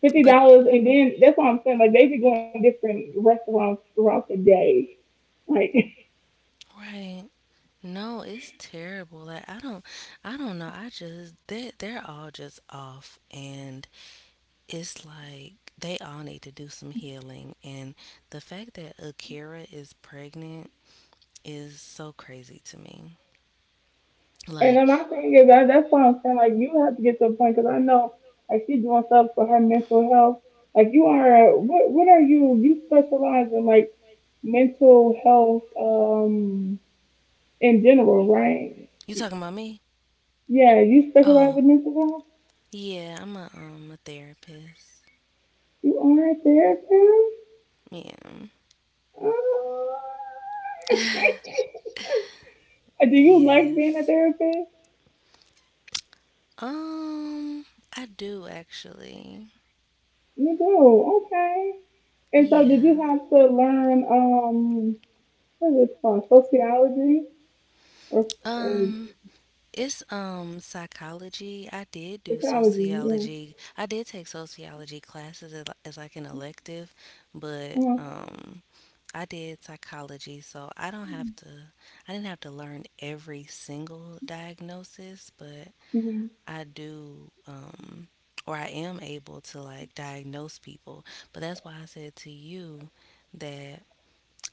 Speaker 1: fifty
Speaker 2: but
Speaker 1: dollars, and then that's what I'm saying. Like they be going to different restaurants throughout the day. Like,
Speaker 2: right. No, it's terrible. Like I don't know. I just they they're all just off, and it's like they all need to do some healing, and the fact that Akira is pregnant is so crazy to me.
Speaker 1: *laughs* and
Speaker 2: Like,
Speaker 1: then my thing is that's what I'm saying. Like you have to get to a point because I know like she's doing stuff for her mental health. Like you are what? What are you? You specialize in like mental health in general, right?
Speaker 2: you talking about me?
Speaker 1: Yeah, you specialize
Speaker 2: Oh,
Speaker 1: in mental health.
Speaker 2: yeah, I'm a therapist.
Speaker 1: You are a therapist.
Speaker 2: Yeah.
Speaker 1: Ah. *laughs*
Speaker 2: *laughs*
Speaker 1: Do you like being a
Speaker 2: Yes.
Speaker 1: therapist?
Speaker 2: Um, I do actually.
Speaker 1: You do. Okay. And so, did you
Speaker 2: Yeah.
Speaker 1: have to learn what is it called, sociology or or
Speaker 2: Um, it's psychology. I did do
Speaker 1: psychology? Yeah.
Speaker 2: sociology. I did take sociology classes as like an elective, but
Speaker 1: Uh-huh.
Speaker 2: I did psychology, so I didn't have to learn every single diagnosis, but
Speaker 1: Hmm.
Speaker 2: I do or I am able to like diagnose people. But that's why I said to you that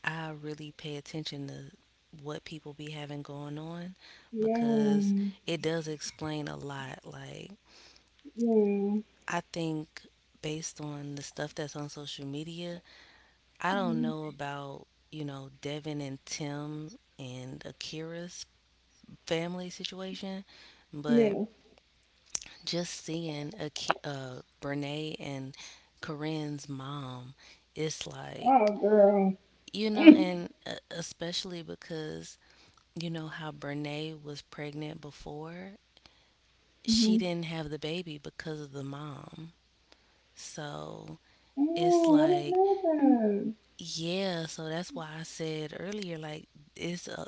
Speaker 2: I really pay attention to what people be having going on because
Speaker 1: Yeah.
Speaker 2: it does explain a lot. Like,
Speaker 1: Yeah.
Speaker 2: I think based on the stuff that's on social media, I don't know
Speaker 1: Hmm.
Speaker 2: about, you know, Devin and Tim and Akira's family situation, but
Speaker 1: Yeah.
Speaker 2: just seeing Brene and Corinne's mom, it's like,
Speaker 1: Oh, girl.
Speaker 2: you know,
Speaker 1: *laughs*
Speaker 2: and especially because you know how Brene was pregnant before? She
Speaker 1: Mm-hmm.
Speaker 2: didn't have the baby because of the mom. So it's
Speaker 1: Oh, I didn't
Speaker 2: like,
Speaker 1: know that.
Speaker 2: yeah, so that's why I said earlier, like, it's a,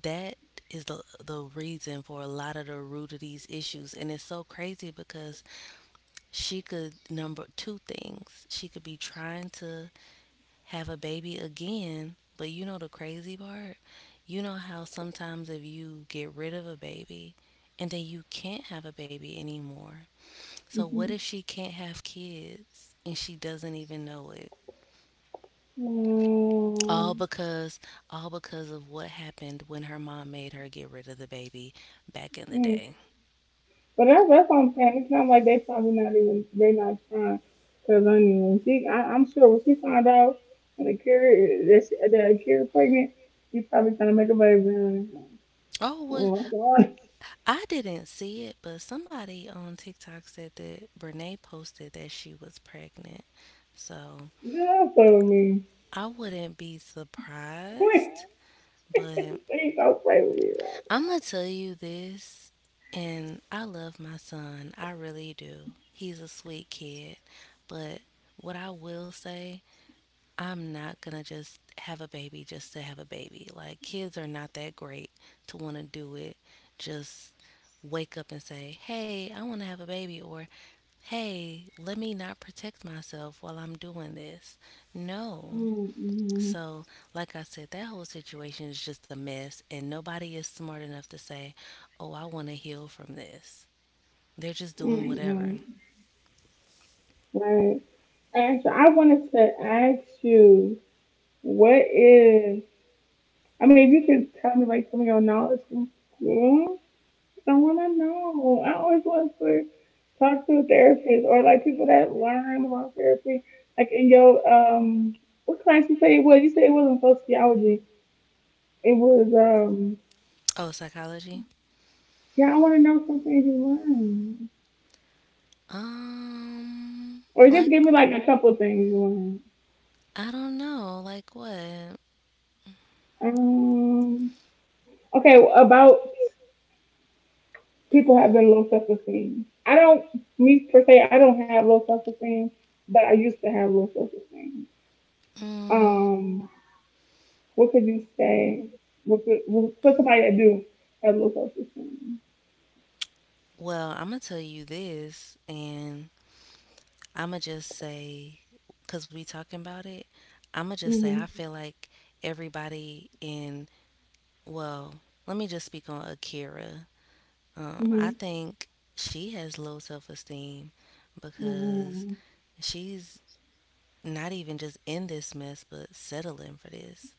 Speaker 2: that is the reason for a lot of the root of these issues. And it's so crazy because she could number two things. She could be trying to have a baby again. But you know the crazy part? You know how sometimes if you get rid of a baby and then you can't have a baby anymore. So what if she can't have kids and she doesn't even know it? All
Speaker 1: Mm-hmm. Wow.
Speaker 2: because all because of what happened when her mom made her get rid of the baby back in the day.
Speaker 1: But that's what I'm saying. It's not like they probably not even they not trying. Cause I mean, I'm sure when she found out that that Akira pregnant, she probably trying to make a baby. And
Speaker 2: Oh, well,
Speaker 1: oh my God,
Speaker 2: I didn't see it, but somebody on TikTok said that Brene posted that she was pregnant. So
Speaker 1: *laughs* don't play with me.
Speaker 2: I wouldn't be surprised,
Speaker 1: *laughs*
Speaker 2: but
Speaker 1: Please don't play with me right
Speaker 2: I'm gonna tell you this, and I love my son. I really do. He's a sweet kid, but what I will say, I'm not gonna just have a baby just to have a baby. Like kids are not that great to want to do it. Just wake up and say, "Hey, I want to have a baby," or "Hey, let me not protect myself while I'm doing this." No,
Speaker 1: now. Mm-mm.
Speaker 2: so, like I said, that whole situation is just a mess, and nobody is smart enough to say, oh, I want to heal from this. They're just doing whatever.
Speaker 1: Mm-mm. Right. And so I wanted to ask you, what is? I mean, if you could tell me like some of your knowledge from school. Someone I know. I always love to talk to a therapist or like people that learn about therapy. Like in your what class you say it was? You said it wasn't sociology. It was
Speaker 2: Oh, psychology?
Speaker 1: yeah. I want to know some things you learned,
Speaker 2: Um,
Speaker 1: or just
Speaker 2: like,
Speaker 1: give me like a couple of things you learned.
Speaker 2: I don't know. Like, what?
Speaker 1: Um, okay, about people having low self esteem. I don't, me per se, I don't have low self esteem, but I used to have low self esteem.
Speaker 2: Mm,
Speaker 1: Um, What could you say? What could somebody that do have low self esteem?
Speaker 2: well, I'm going to tell you this, and I'm going to just say, because we talking about it, I'm going to just say, I
Speaker 1: Mhm.
Speaker 2: feel like everybody in, well, let me just speak on Akira. I
Speaker 1: Mhm.
Speaker 2: think she has low self esteem because
Speaker 1: Mhm.
Speaker 2: she's not even just in this mess, but settling for this.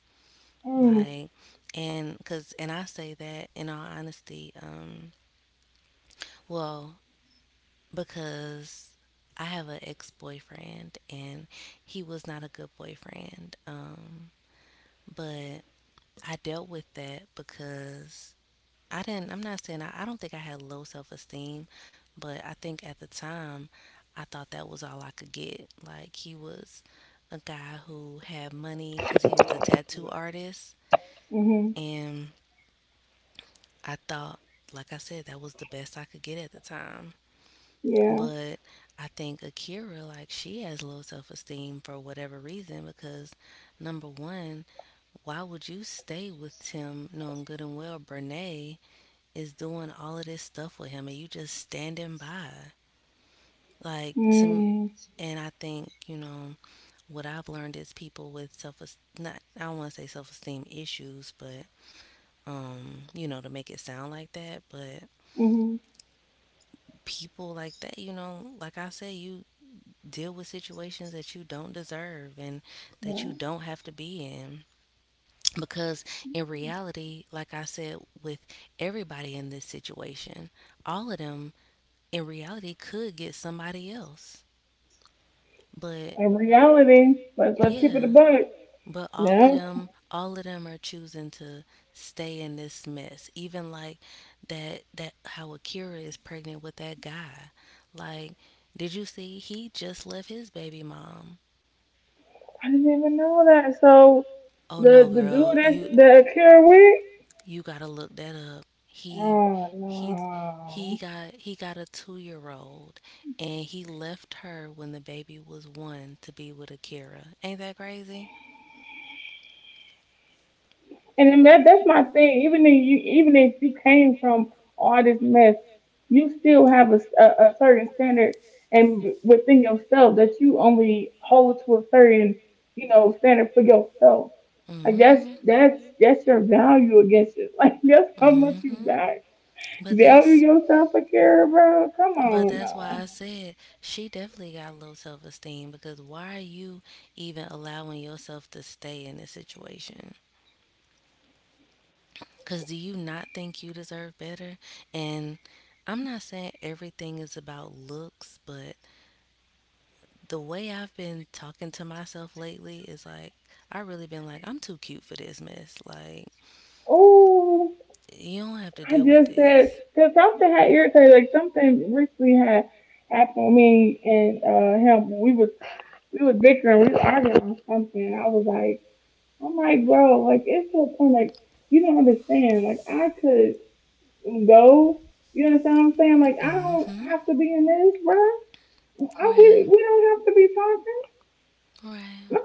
Speaker 1: Mhm.
Speaker 2: Like, and because, and I say that in all honesty, well, because I have an ex boyfriend and he was not a good boyfriend. But I dealt with that because I'm not saying I don't think I had low self esteem, but I think at the time I thought that was all I could get. Like, he was a guy who had money because he was a tattoo artist.
Speaker 1: Mhm.
Speaker 2: And I thought, like I said, that was the best I could get at the time.
Speaker 1: Yeah.
Speaker 2: But I think Akira, like, she has low self esteem for whatever reason because, number one, why would you stay with Tim knowing good and well Brene is doing all of this stuff with him and you just standing by. Like to
Speaker 1: Mhm.
Speaker 2: and I think, what I've learned is people with self not I don't want to say self-esteem issues, but to make it sound like that, but
Speaker 1: Mhm.
Speaker 2: people like that, like I said, you deal with situations that you don't deserve and that you
Speaker 1: Right.
Speaker 2: don't have to be in because in reality, like I said with everybody in this situation, all of them in reality could get somebody else. But
Speaker 1: In reality, let's keep it a
Speaker 2: yeah,
Speaker 1: buck.
Speaker 2: but
Speaker 1: Yeah.
Speaker 2: all of them are choosing to stay in this mess. Even like that, that how Akira is pregnant with that guy. Like, did you see? He just left his baby mom.
Speaker 1: I didn't even know that. So
Speaker 2: Oh no,
Speaker 1: the dude
Speaker 2: girl,
Speaker 1: that
Speaker 2: you
Speaker 1: that Akira with.
Speaker 2: you gotta look that up.
Speaker 1: Oh
Speaker 2: He he
Speaker 1: no.
Speaker 2: got he got a 2 year old and he left her when the baby was one to be with Akira. Ain't that crazy?
Speaker 1: And then that's my thing. Even if you came from all this mess, you still have a certain standard and within yourself that you only hold to a certain you know standard for yourself. Like that's
Speaker 2: Mm-hmm.
Speaker 1: that's that's your value against it. *laughs* Like that's how much you
Speaker 2: Mm-hmm. But
Speaker 1: value
Speaker 2: that's
Speaker 1: yourself for care, bro. Come
Speaker 2: but
Speaker 1: on
Speaker 2: that's why I
Speaker 1: now.
Speaker 2: said she definitely got low self esteem because why are you even allowing yourself to stay in this situation? Because do you not think you deserve better? And I'm not saying everything is about looks, but the way I've been talking to myself lately is like, I really been like, I'm too cute for this mess. Like,
Speaker 1: Oh,
Speaker 2: you don't have to
Speaker 1: I
Speaker 2: deal with
Speaker 1: just said
Speaker 2: this.
Speaker 1: because something had irritated. Like something recently had happened with me and him. We was bickering, we was arguing on something. And I was like, I'm like, bro, like it's to a point like you don't understand. Like I could go. You understand what I'm saying? Like I don't
Speaker 2: Mm-hmm.
Speaker 1: have to be in this, bro.
Speaker 2: Right.
Speaker 1: We don't have to be talking.
Speaker 2: Right.
Speaker 1: No,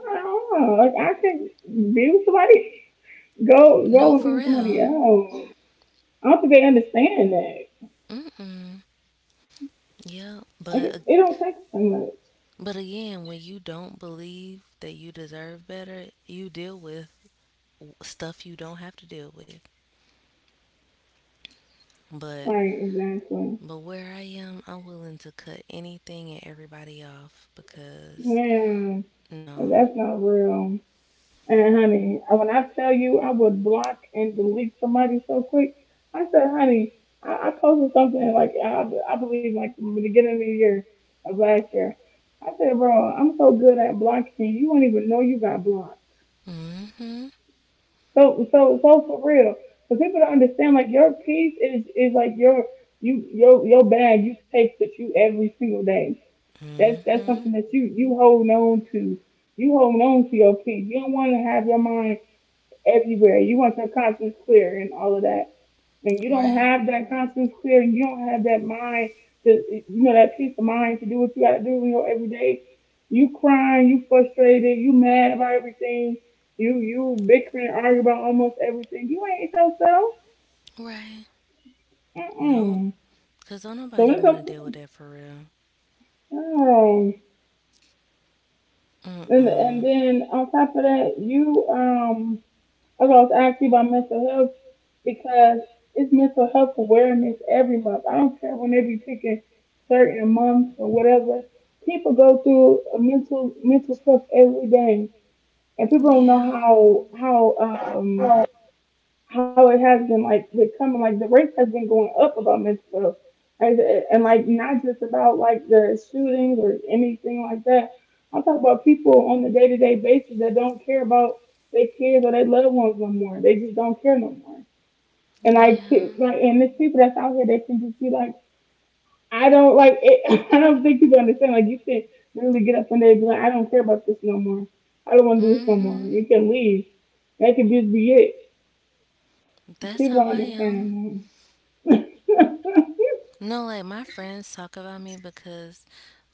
Speaker 1: no, like I can be with somebody. *laughs*
Speaker 2: No,
Speaker 1: Go and be
Speaker 2: for
Speaker 1: with somebody
Speaker 2: real.
Speaker 1: else. I don't think they understand that.
Speaker 2: Mm-mm. Yeah. But,
Speaker 1: It don't take so much.
Speaker 2: but again, when you don't believe that you deserve better, you deal with stuff you don't have to deal with. But
Speaker 1: Like exactly.
Speaker 2: where I am, I'm willing to cut anything and everybody off because
Speaker 1: Man,
Speaker 2: no.
Speaker 1: that's not real. And honey, when I tell you I would block and delete somebody so quick, I said, honey, I posted something like I believe like the beginning of the year of last year. I said, bro, I'm so good at blocking you, you won't even know you got blocked.
Speaker 2: mm Mhm.
Speaker 1: So for real, so people don't understand like your piece is like your your bag you take with you every single day. That's
Speaker 2: mm
Speaker 1: that's
Speaker 2: Mhm.
Speaker 1: something that you hold on to. You hold on to your peace. You don't want to have your mind everywhere. You want your conscience clear and all of that. And you don't
Speaker 2: Right.
Speaker 1: have that conscience clear and you don't have that mind to you know, that peace of mind to do what you gotta do in your everyday. You crying, you frustrated, you mad about everything, you bickering arguing about almost everything. You ain't yourself.
Speaker 2: Right. Nope.
Speaker 1: Mm-mm.
Speaker 2: Cause don't
Speaker 1: So
Speaker 2: nobody
Speaker 1: when it
Speaker 2: want to
Speaker 1: comes
Speaker 2: deal
Speaker 1: to,
Speaker 2: with that for real.
Speaker 1: oh,
Speaker 2: Mm mm.
Speaker 1: and then on top of that, you that's why I was asking you about mental health because it's mental health awareness every month. I don't care when they be picking certain months or whatever. People go through mental stuff every day, and people don't know
Speaker 2: Yeah.
Speaker 1: how how it has been like becoming like the rates has been going up about mental health and like not just about like the shootings or anything like that. I'm talking about people on the day-to-day basis that don't care about their kids or their loved ones no more. They just don't care no more. And like
Speaker 2: Yeah.
Speaker 1: like and there's people that's out here that can just be like I don't like it. *laughs* I don't think people understand like you can literally get up one day and be like I don't care about this no more. I don't want to do this
Speaker 2: mm
Speaker 1: no more.
Speaker 2: Mhm.
Speaker 1: You can leave. That could just be it.
Speaker 2: That's
Speaker 1: People
Speaker 2: how
Speaker 1: don't
Speaker 2: I am.
Speaker 1: understand. *laughs*
Speaker 2: No, like my friends talk about me because,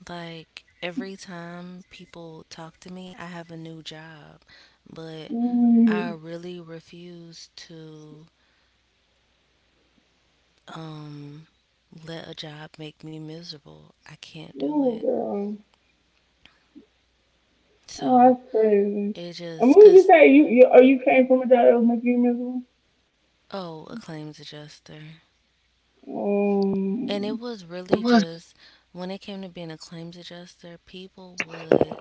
Speaker 2: like, every time people talk to me, I have a new job. But I
Speaker 1: Mm.
Speaker 2: really refuse to um, let a job make me miserable. I can't do
Speaker 1: Oh,
Speaker 2: it.
Speaker 1: girl.
Speaker 2: So
Speaker 1: Oh, that's crazy.
Speaker 2: it
Speaker 1: And what
Speaker 2: just,
Speaker 1: would
Speaker 2: because,
Speaker 1: you say? You or you came from a job that was making you miserable?
Speaker 2: oh, a claims adjuster. And it
Speaker 1: Um.
Speaker 2: was really
Speaker 1: It was.
Speaker 2: just when it came to being a claims adjuster, people would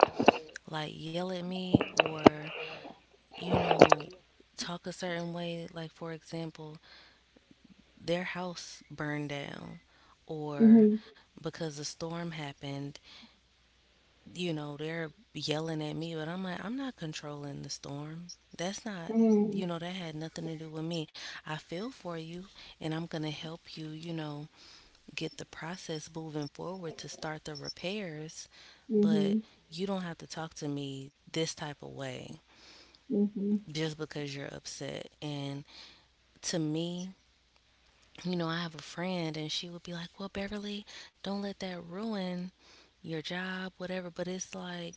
Speaker 2: like yell at me or you know, talk a certain way. Like, for example, their house burned down, or
Speaker 1: Mhm.
Speaker 2: because a storm happened, they're yelling at me, but I'm like, I'm not controlling the storm. That's not,
Speaker 1: Mm.
Speaker 2: that had nothing to do with me. I feel for you, and I'm going to help you, get the process moving forward to start the repairs, but
Speaker 1: Mhm.
Speaker 2: you don't have to talk to me this type of way
Speaker 1: Mhm.
Speaker 2: just because you're upset. And to me, I have a friend and she would be like, "Well, Beverly, don't let that ruin your job," whatever. But it's like,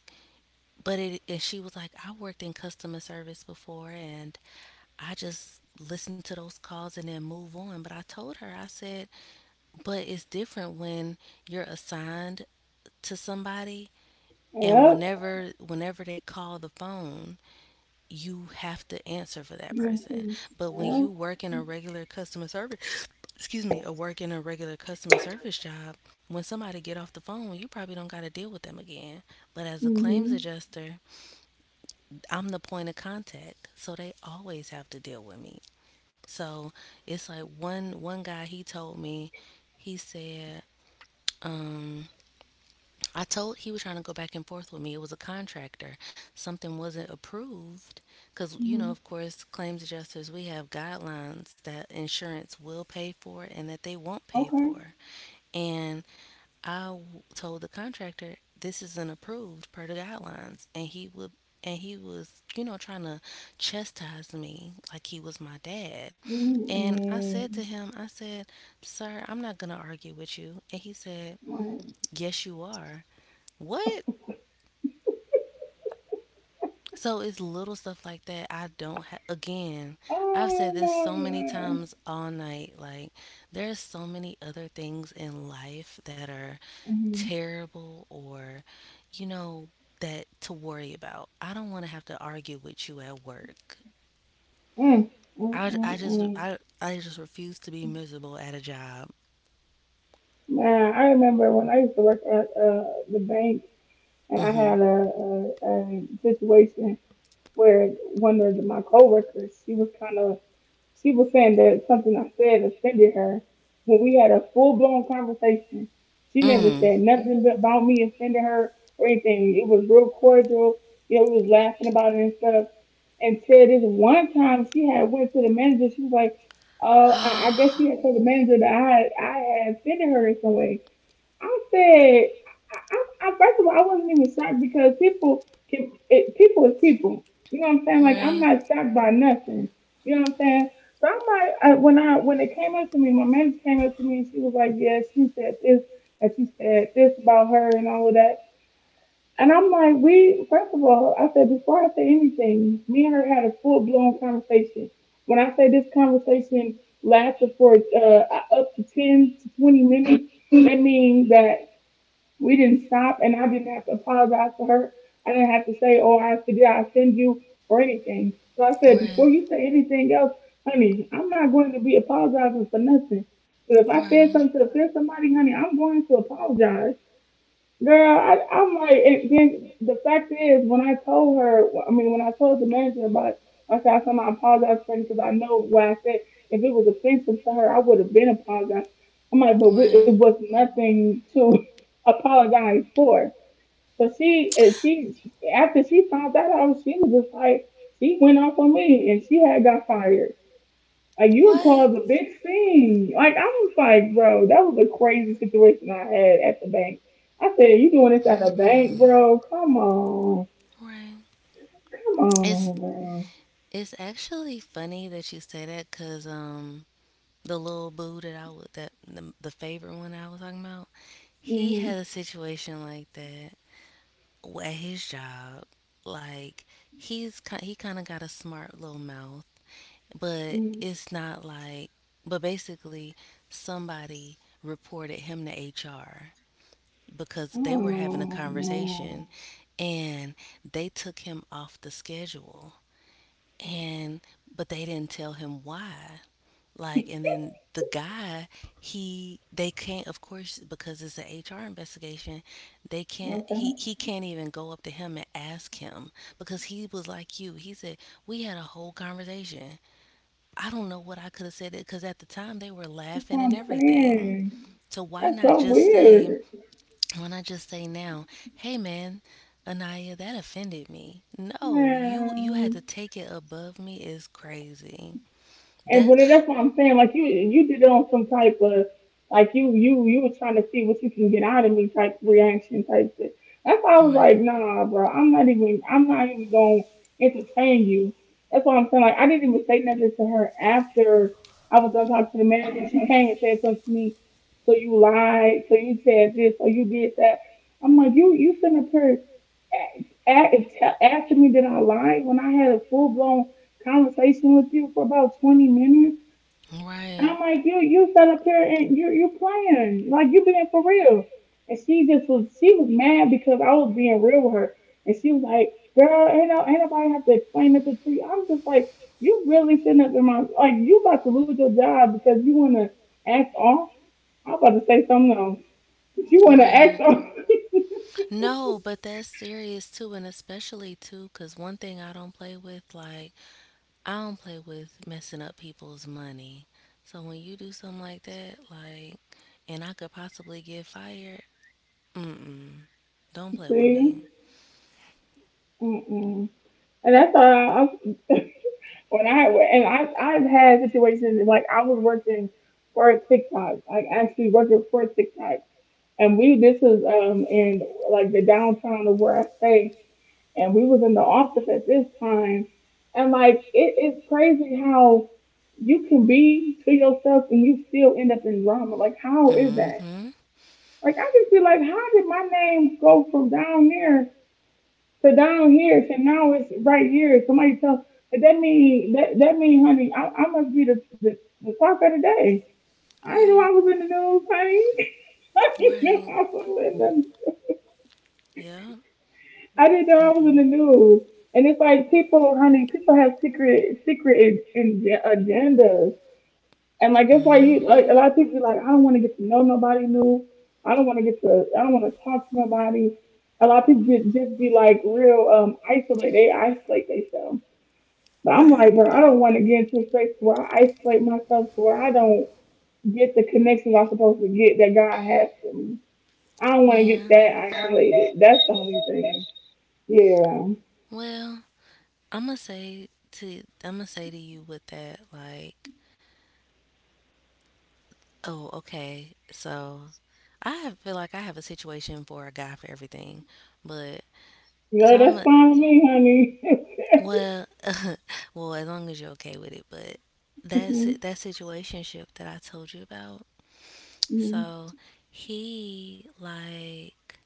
Speaker 2: but it, and she was like, "I worked in customer service before and I just listened to those calls and then move on." But I told her, I said, but it's different when you're assigned to somebody and
Speaker 1: Yep.
Speaker 2: whenever they call the phone you have to answer for that
Speaker 1: Mhm.
Speaker 2: person. But when you
Speaker 1: Yep.
Speaker 2: work in a regular customer service, excuse me, or work in a regular customer service job, when somebody get off the phone, you probably don't got to deal with them again. But as a claims
Speaker 1: Mhm.
Speaker 2: adjuster, I'm the point of contact, so they always have to deal with me. So it's like one guy he told me, he said, um, I told he was trying to go back and forth with me. It was a contractor. Something wasn't approved because of
Speaker 1: Mhm.
Speaker 2: course, claims adjusters we have guidelines that insurance will pay for and that they won't pay
Speaker 1: Okay.
Speaker 2: for. And I w- told the contractor this isn't approved per the guidelines, and he would and he was trying to chastise me like he was my dad. And I said to
Speaker 1: Mhm.
Speaker 2: him, I said, "Sir, I'm not going to argue with you." And he said,
Speaker 1: Right.
Speaker 2: "Yes, you are." What? So it's little stuff like that. I don't have again, I've said
Speaker 1: Oh
Speaker 2: this so many
Speaker 1: no.
Speaker 2: times all night. Like, there's so many other things in life that are
Speaker 1: Mhm.
Speaker 2: terrible or, you know, that to worry about. I don't want to have to argue with you at work.
Speaker 1: Mm. Mm.
Speaker 2: I
Speaker 1: Mm.
Speaker 2: just
Speaker 1: mm.
Speaker 2: I just refuse to be miserable at a job.
Speaker 1: Man, I remember when I used to work at the bank. And I had a situation where one of my coworkers, she was kind of, she was saying that something I said offended her. When we had a full blown conversation, she never said
Speaker 2: Mm-hmm.
Speaker 1: nothing about me offending her or anything. It was real cordial. You know, we was laughing about it and stuff. Until this one time, she had went to the manager. She was like, "Oh, I guess she
Speaker 2: Mm.
Speaker 1: had told the manager that I had offended her in some way." I said, I, I- first of all, I wasn't even shocked because people is people. You know what I'm
Speaker 2: *gasps*
Speaker 1: saying? Like I'm
Speaker 2: Right.
Speaker 1: not shocked by nothing. You know what I'm saying? So I'm like, I, when it came up to me, my manager came up to me and she was like, "Yeah, that she said this about her and all of that." And I'm like, "We first of all, I said before I say anything, me and her had a full blown conversation. When I say this conversation lasted for up to 10 to 20 minutes, that means that we didn't stop, and I didn't have to apologize for her. I didn't have to say, "Oh, I forget, I offend you," or anything. So I said,
Speaker 2: Right.
Speaker 1: before you say anything else, honey, I'm not going to be apologizing for nothing. But if I said
Speaker 2: Right.
Speaker 1: something to offend somebody, honey, I'm going to apologize. Girl, I'm like, and then the fact is, when I told her, I mean, when I told the manager about it, I said, I somehow I apologize for it because I know what I said. If it was offensive to her, I would have been apologized. I'm like, but we, it
Speaker 2: Right.
Speaker 1: was nothing to *laughs* apologize for. And she, after she found that out, she was just like, she went off on me and she had got fired. Like you would
Speaker 2: What?
Speaker 1: cause a big scene. Like I was like, bro, that was a crazy situation I had at the bank. I said, you doing this at the bank,
Speaker 2: Mm.
Speaker 1: bro? Come on,
Speaker 2: Right.
Speaker 1: come
Speaker 2: It's
Speaker 1: on, bro.
Speaker 2: actually funny that you say that because the little boo that I was that the favorite one I was talking about, he had a
Speaker 1: Mm-hmm.
Speaker 2: situation like that at his job, like he kind of got a smart little mouth, but
Speaker 1: Mm.
Speaker 2: it's not like. But basically, somebody reported him to HR because they
Speaker 1: Oh
Speaker 2: were having a conversation,
Speaker 1: no,
Speaker 2: and they took him off the schedule and but they didn't tell him why like and then the guy he they can't of course because it's an HR investigation they can't
Speaker 1: okay.
Speaker 2: he can't even go up to him and ask him because he was like you he said we had a whole conversation. I don't know what I could have said it because at the time they were
Speaker 1: That's what
Speaker 2: laughing and
Speaker 1: I'm
Speaker 2: everything.
Speaker 1: saying.
Speaker 2: So why
Speaker 1: That's
Speaker 2: not
Speaker 1: so
Speaker 2: just say
Speaker 1: weird.
Speaker 2: now, hey man, Anaya, that offended me. No, you had
Speaker 1: Wow.
Speaker 2: to take it above me is crazy.
Speaker 1: And
Speaker 2: That
Speaker 1: but that's what I'm saying. Like you did it on some type of like you were trying to see what you can get out of me type reaction type shit. That's why I was
Speaker 2: right,
Speaker 1: like, nah, bro, I'm not even gonna entertain you. That's what I'm saying. Like I didn't even say nothing to her after I was done talking to the manager. She came and said something to me. So you lied. So you said this. So you did that. I'm like, you sitting up here asking me that I lied when I had a full blown conversation with you for about 20 minutes. I'm
Speaker 2: right,
Speaker 1: like, you sat up here and you playing. Like you being for real. And she just was she was mad because I was being real with her. And she was like, girl, ain't, no, ain't nobody have to explain nothing to you. I'm just like, you really sitting up in my like you about to lose your job because you wanna act off. I'm about to say something else. But you wanna
Speaker 2: right.
Speaker 1: act off. *laughs*
Speaker 2: No, but that's serious too, and especially too, cause one thing I don't play with, like I don't play with messing up people's money. So when you do something like that, like, and I could possibly get fired, mm mm, don't play with
Speaker 1: See?
Speaker 2: me.
Speaker 1: Mm-mm. And that's all I, *laughs* when I and I I've had situations like I was working for TikTok, like actually working for TikTok, and we this was in like the downtown of where I stay, and we was in the office at this time, and like it is crazy how you can be to yourself and you still end up in drama. Like how is that?
Speaker 2: Mm-hmm.
Speaker 1: Like I just feel like how did my name go from down there so down here, so now it's right here. Somebody tell but that mean that that mean, honey, I must be the talk of the day. I didn't know I
Speaker 2: Right.
Speaker 1: was in the news, honey. *laughs* I didn't
Speaker 2: Right.
Speaker 1: know I was in the
Speaker 2: Yeah.
Speaker 1: I didn't know I was in the news. And it's like people, honey, people have secret in agendas. And like that's why you like a
Speaker 2: Mm-hmm.
Speaker 1: lot of people be like, I don't want to get to know nobody new. I don't want to talk to nobody. A lot of people just be like real isolate. They isolate themselves. But I'm
Speaker 2: Right.
Speaker 1: like, bro, I don't want to get into a space where I isolate myself to where I don't get the connections I'm supposed to get that God has for me. I don't want to
Speaker 2: Yeah.
Speaker 1: get that isolated. That's the only thing. Yeah.
Speaker 2: Well, I'm gonna say to you with that like, oh, okay. So I have, feel like I have a situation for a guy for everything, but
Speaker 1: No, that's
Speaker 2: some
Speaker 1: fine with me, honey.
Speaker 2: well, *laughs* well, as long as you're okay with it, but
Speaker 1: *laughs*
Speaker 2: that's
Speaker 1: Mm-hmm.
Speaker 2: it, that situationship that I told you about.
Speaker 1: Hmm.
Speaker 2: So he like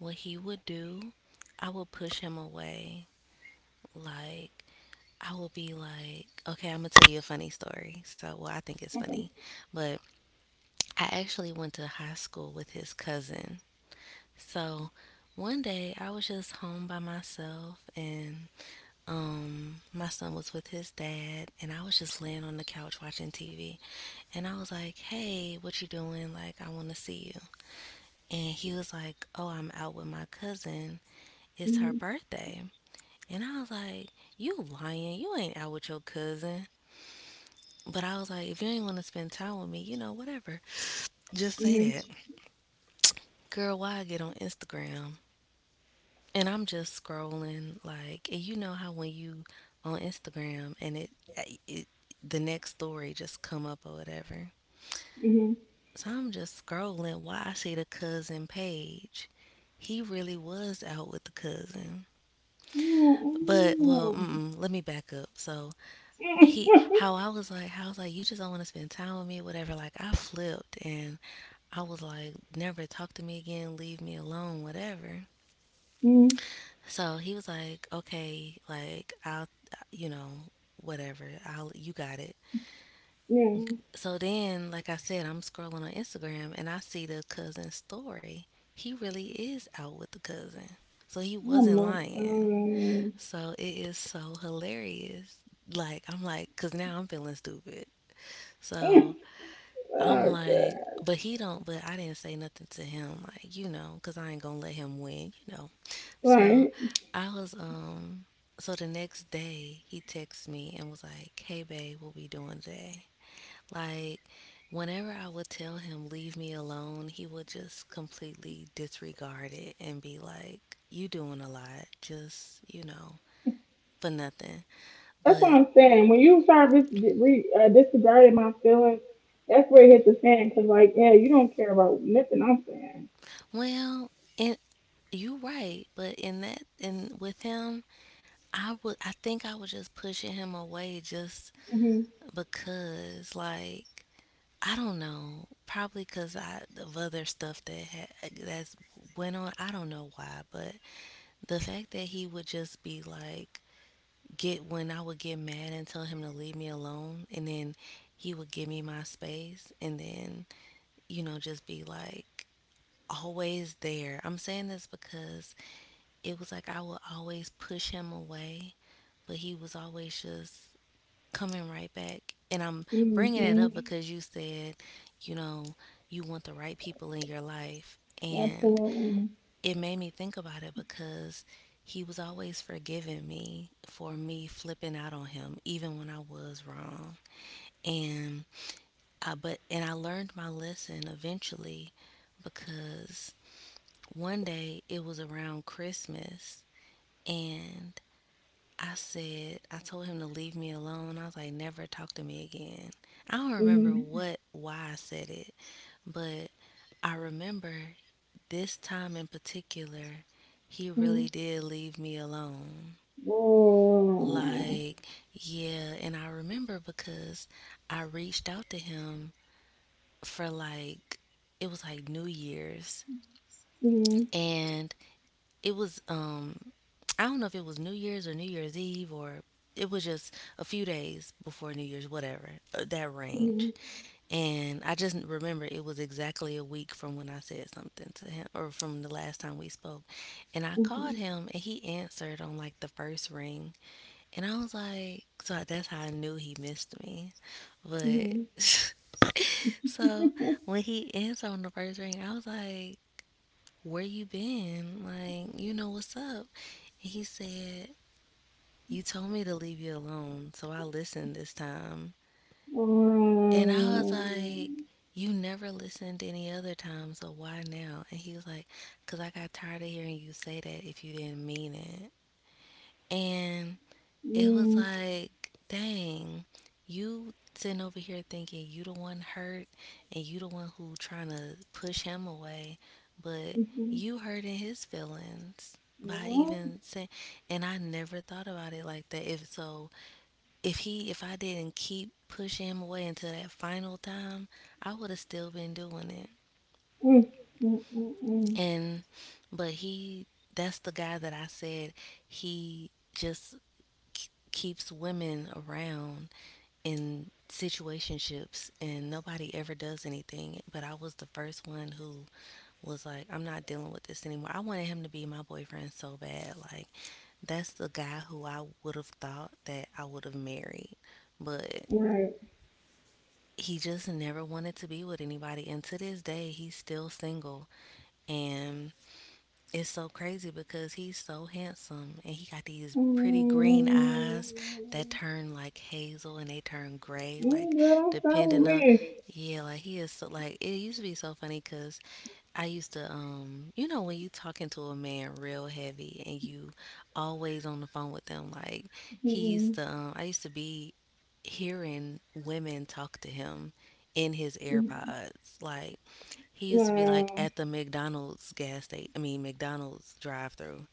Speaker 2: what he would do. I would push him away. Like I would be like, okay, I'm gonna tell you a funny story. So well, I think it's
Speaker 1: Okay.
Speaker 2: funny, but I actually went to high school with his cousin. So one day I was just home by myself and my son was with his dad and I was just laying on the couch watching TV and I was like, "Hey, what you doing? Like I want to see you." And he was like, "Oh, I'm out with my cousin. It's her
Speaker 1: Mm-hmm.
Speaker 2: birthday." And I was like, "You lying. You ain't out with your cousin." But I was like, if you ain't want to spend time with me, whatever. Just say that. Girl, why I get on Instagram. And I'm just scrolling, like, and you know how when you on Instagram and it, eh, it the next story just come up or whatever.
Speaker 1: Mm-hmm.
Speaker 2: So I'm just scrolling, while I see the cousin page. He really was out with the cousin. But well, mm-mm, let me back up. So he,
Speaker 1: Mm-hmm.
Speaker 2: how I was like, you just don't want to spend time with me, whatever. Like I flipped and I was like, never talk to me again, leave me alone, whatever.
Speaker 1: *laughs* Mm.
Speaker 2: So he was like, okay, like you know, whatever. I'll, you got it.
Speaker 1: Yeah.
Speaker 2: So then, like I said, I'm scrolling on Instagram and I see the cousin story. He really is out with the cousin. So he
Speaker 1: Oh
Speaker 2: wasn't
Speaker 1: my
Speaker 2: lying.
Speaker 1: god.
Speaker 2: So it is so hilarious. Like, I'm like, because now I'm feeling stupid.
Speaker 1: *laughs*
Speaker 2: So I'm
Speaker 1: Oh
Speaker 2: like,
Speaker 1: god.
Speaker 2: but he don't. But I didn't say nothing to him, like because I ain't gonna let him win, you know. So
Speaker 1: Right.
Speaker 2: I was. So the next day, he texts me and was like, "Hey babe, what we doing today?" Like, whenever I would tell him leave me alone, he would just completely disregard it and be like, "You doing a lot, just for nothing."
Speaker 1: That's what
Speaker 2: But
Speaker 1: I'm saying. When you start disregarding my feelings, that's where it hits the fan. Cause like, yeah, you don't care about nothing I'm saying.
Speaker 2: well, and you right, but in with him I think I was just pushing him away just
Speaker 1: Hmm.
Speaker 2: because like I don't know, probably cuz I of other stuff that that's went on, I don't know why, but the fact that he would just be like get when I would get mad and tell him to leave me alone and then he would give me my space and then just be like always there. I'm saying this because it was like I would always push him away, but he was always just coming right back. And I'm bringing it up
Speaker 1: Hmm.
Speaker 2: because you said, you know, you want the right people in your life. And
Speaker 1: Absolutely.
Speaker 2: it made me think about it because he was always forgiving me for me flipping out on him, even when I was wrong. And I learned my lesson eventually because one day it was around Christmas, and I said, I told him to leave me alone. I was like, never talk to me again. I don't remember
Speaker 1: Hmm.
Speaker 2: why I said it, but I remember this time in particular, he really
Speaker 1: Hmm.
Speaker 2: did leave me alone.
Speaker 1: Whoa.
Speaker 2: Like, yeah, and I remember because I reached out to him for, like, it was like New Year's,
Speaker 1: Hmm.
Speaker 2: and it was I don't know if it was New Year's or New Year's Eve or it was just a few days before New Year's, whatever, that range.
Speaker 1: Hmm.
Speaker 2: And I just remember it was exactly a week from when I said something to him, or from the last time we spoke. And I called
Speaker 1: Hmm.
Speaker 2: him and he answered on like the first ring. And I was like, so that's how I knew he missed me. But
Speaker 1: Hmm.
Speaker 2: *laughs* so when he answered on the first ring, I was like, "Where you been? Like, you know what's up?" And he said, "You told me to leave you alone, so I listened this time." And I was like,
Speaker 1: Um,
Speaker 2: "You never listened any other time, so why now?" And he was like, "Because I got tired of hearing you say that if you didn't mean it." And it was
Speaker 1: mm,
Speaker 2: like, dang, you sitting over here thinking you the one hurt and you the one who trying to push him away, but
Speaker 1: hmm,
Speaker 2: you hurting his feelings by
Speaker 1: yeah.
Speaker 2: even saying, and I never thought about it like that. If so if he if I didn't keep pushing him away until that final time, I would have still been doing it.
Speaker 1: Mm, mm, mm, mm.
Speaker 2: And but he that's the guy that I said he just keeps women around in situationships and nobody ever does anything. But I was the first one who was like, I'm not dealing with this anymore. I wanted him to be my boyfriend so bad. Like, that's the guy who I would have thought that I would have married. But
Speaker 1: Right.
Speaker 2: he just never wanted to be with anybody. And to this day, he's still single. And it's so crazy because he's so handsome and he got these
Speaker 1: Um,
Speaker 2: pretty green eyes that turn like hazel and they turn gray, like,
Speaker 1: mm, girl, don't start
Speaker 2: depending on.
Speaker 1: with
Speaker 2: Yeah, like, he is so, like, it used to be so funny because I used to, when you talking to a man real heavy and you always on the phone with them, like,
Speaker 1: me.
Speaker 2: I used to be hearing women talk to him in his AirPods. Like, he used to be like
Speaker 1: Wow.
Speaker 2: at the McDonald's gas station. I mean McDonald's drive-through.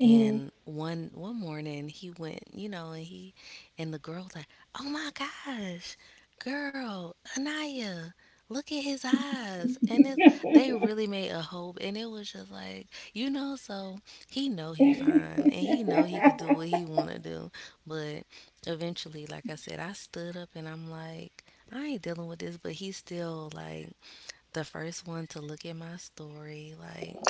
Speaker 1: Mhm.
Speaker 2: And one morning he went, and the girl's like, "Oh my gosh, girl, Anaya, look at his eyes." And it's they
Speaker 1: *laughs*
Speaker 2: really made a hope, and it was just like, you know, so he know he fine, and he know he could do what he want to do, but eventually, like I said, I stood up and I'm like, I ain't dealing with this, but he's still like the first one to look at my story. Like,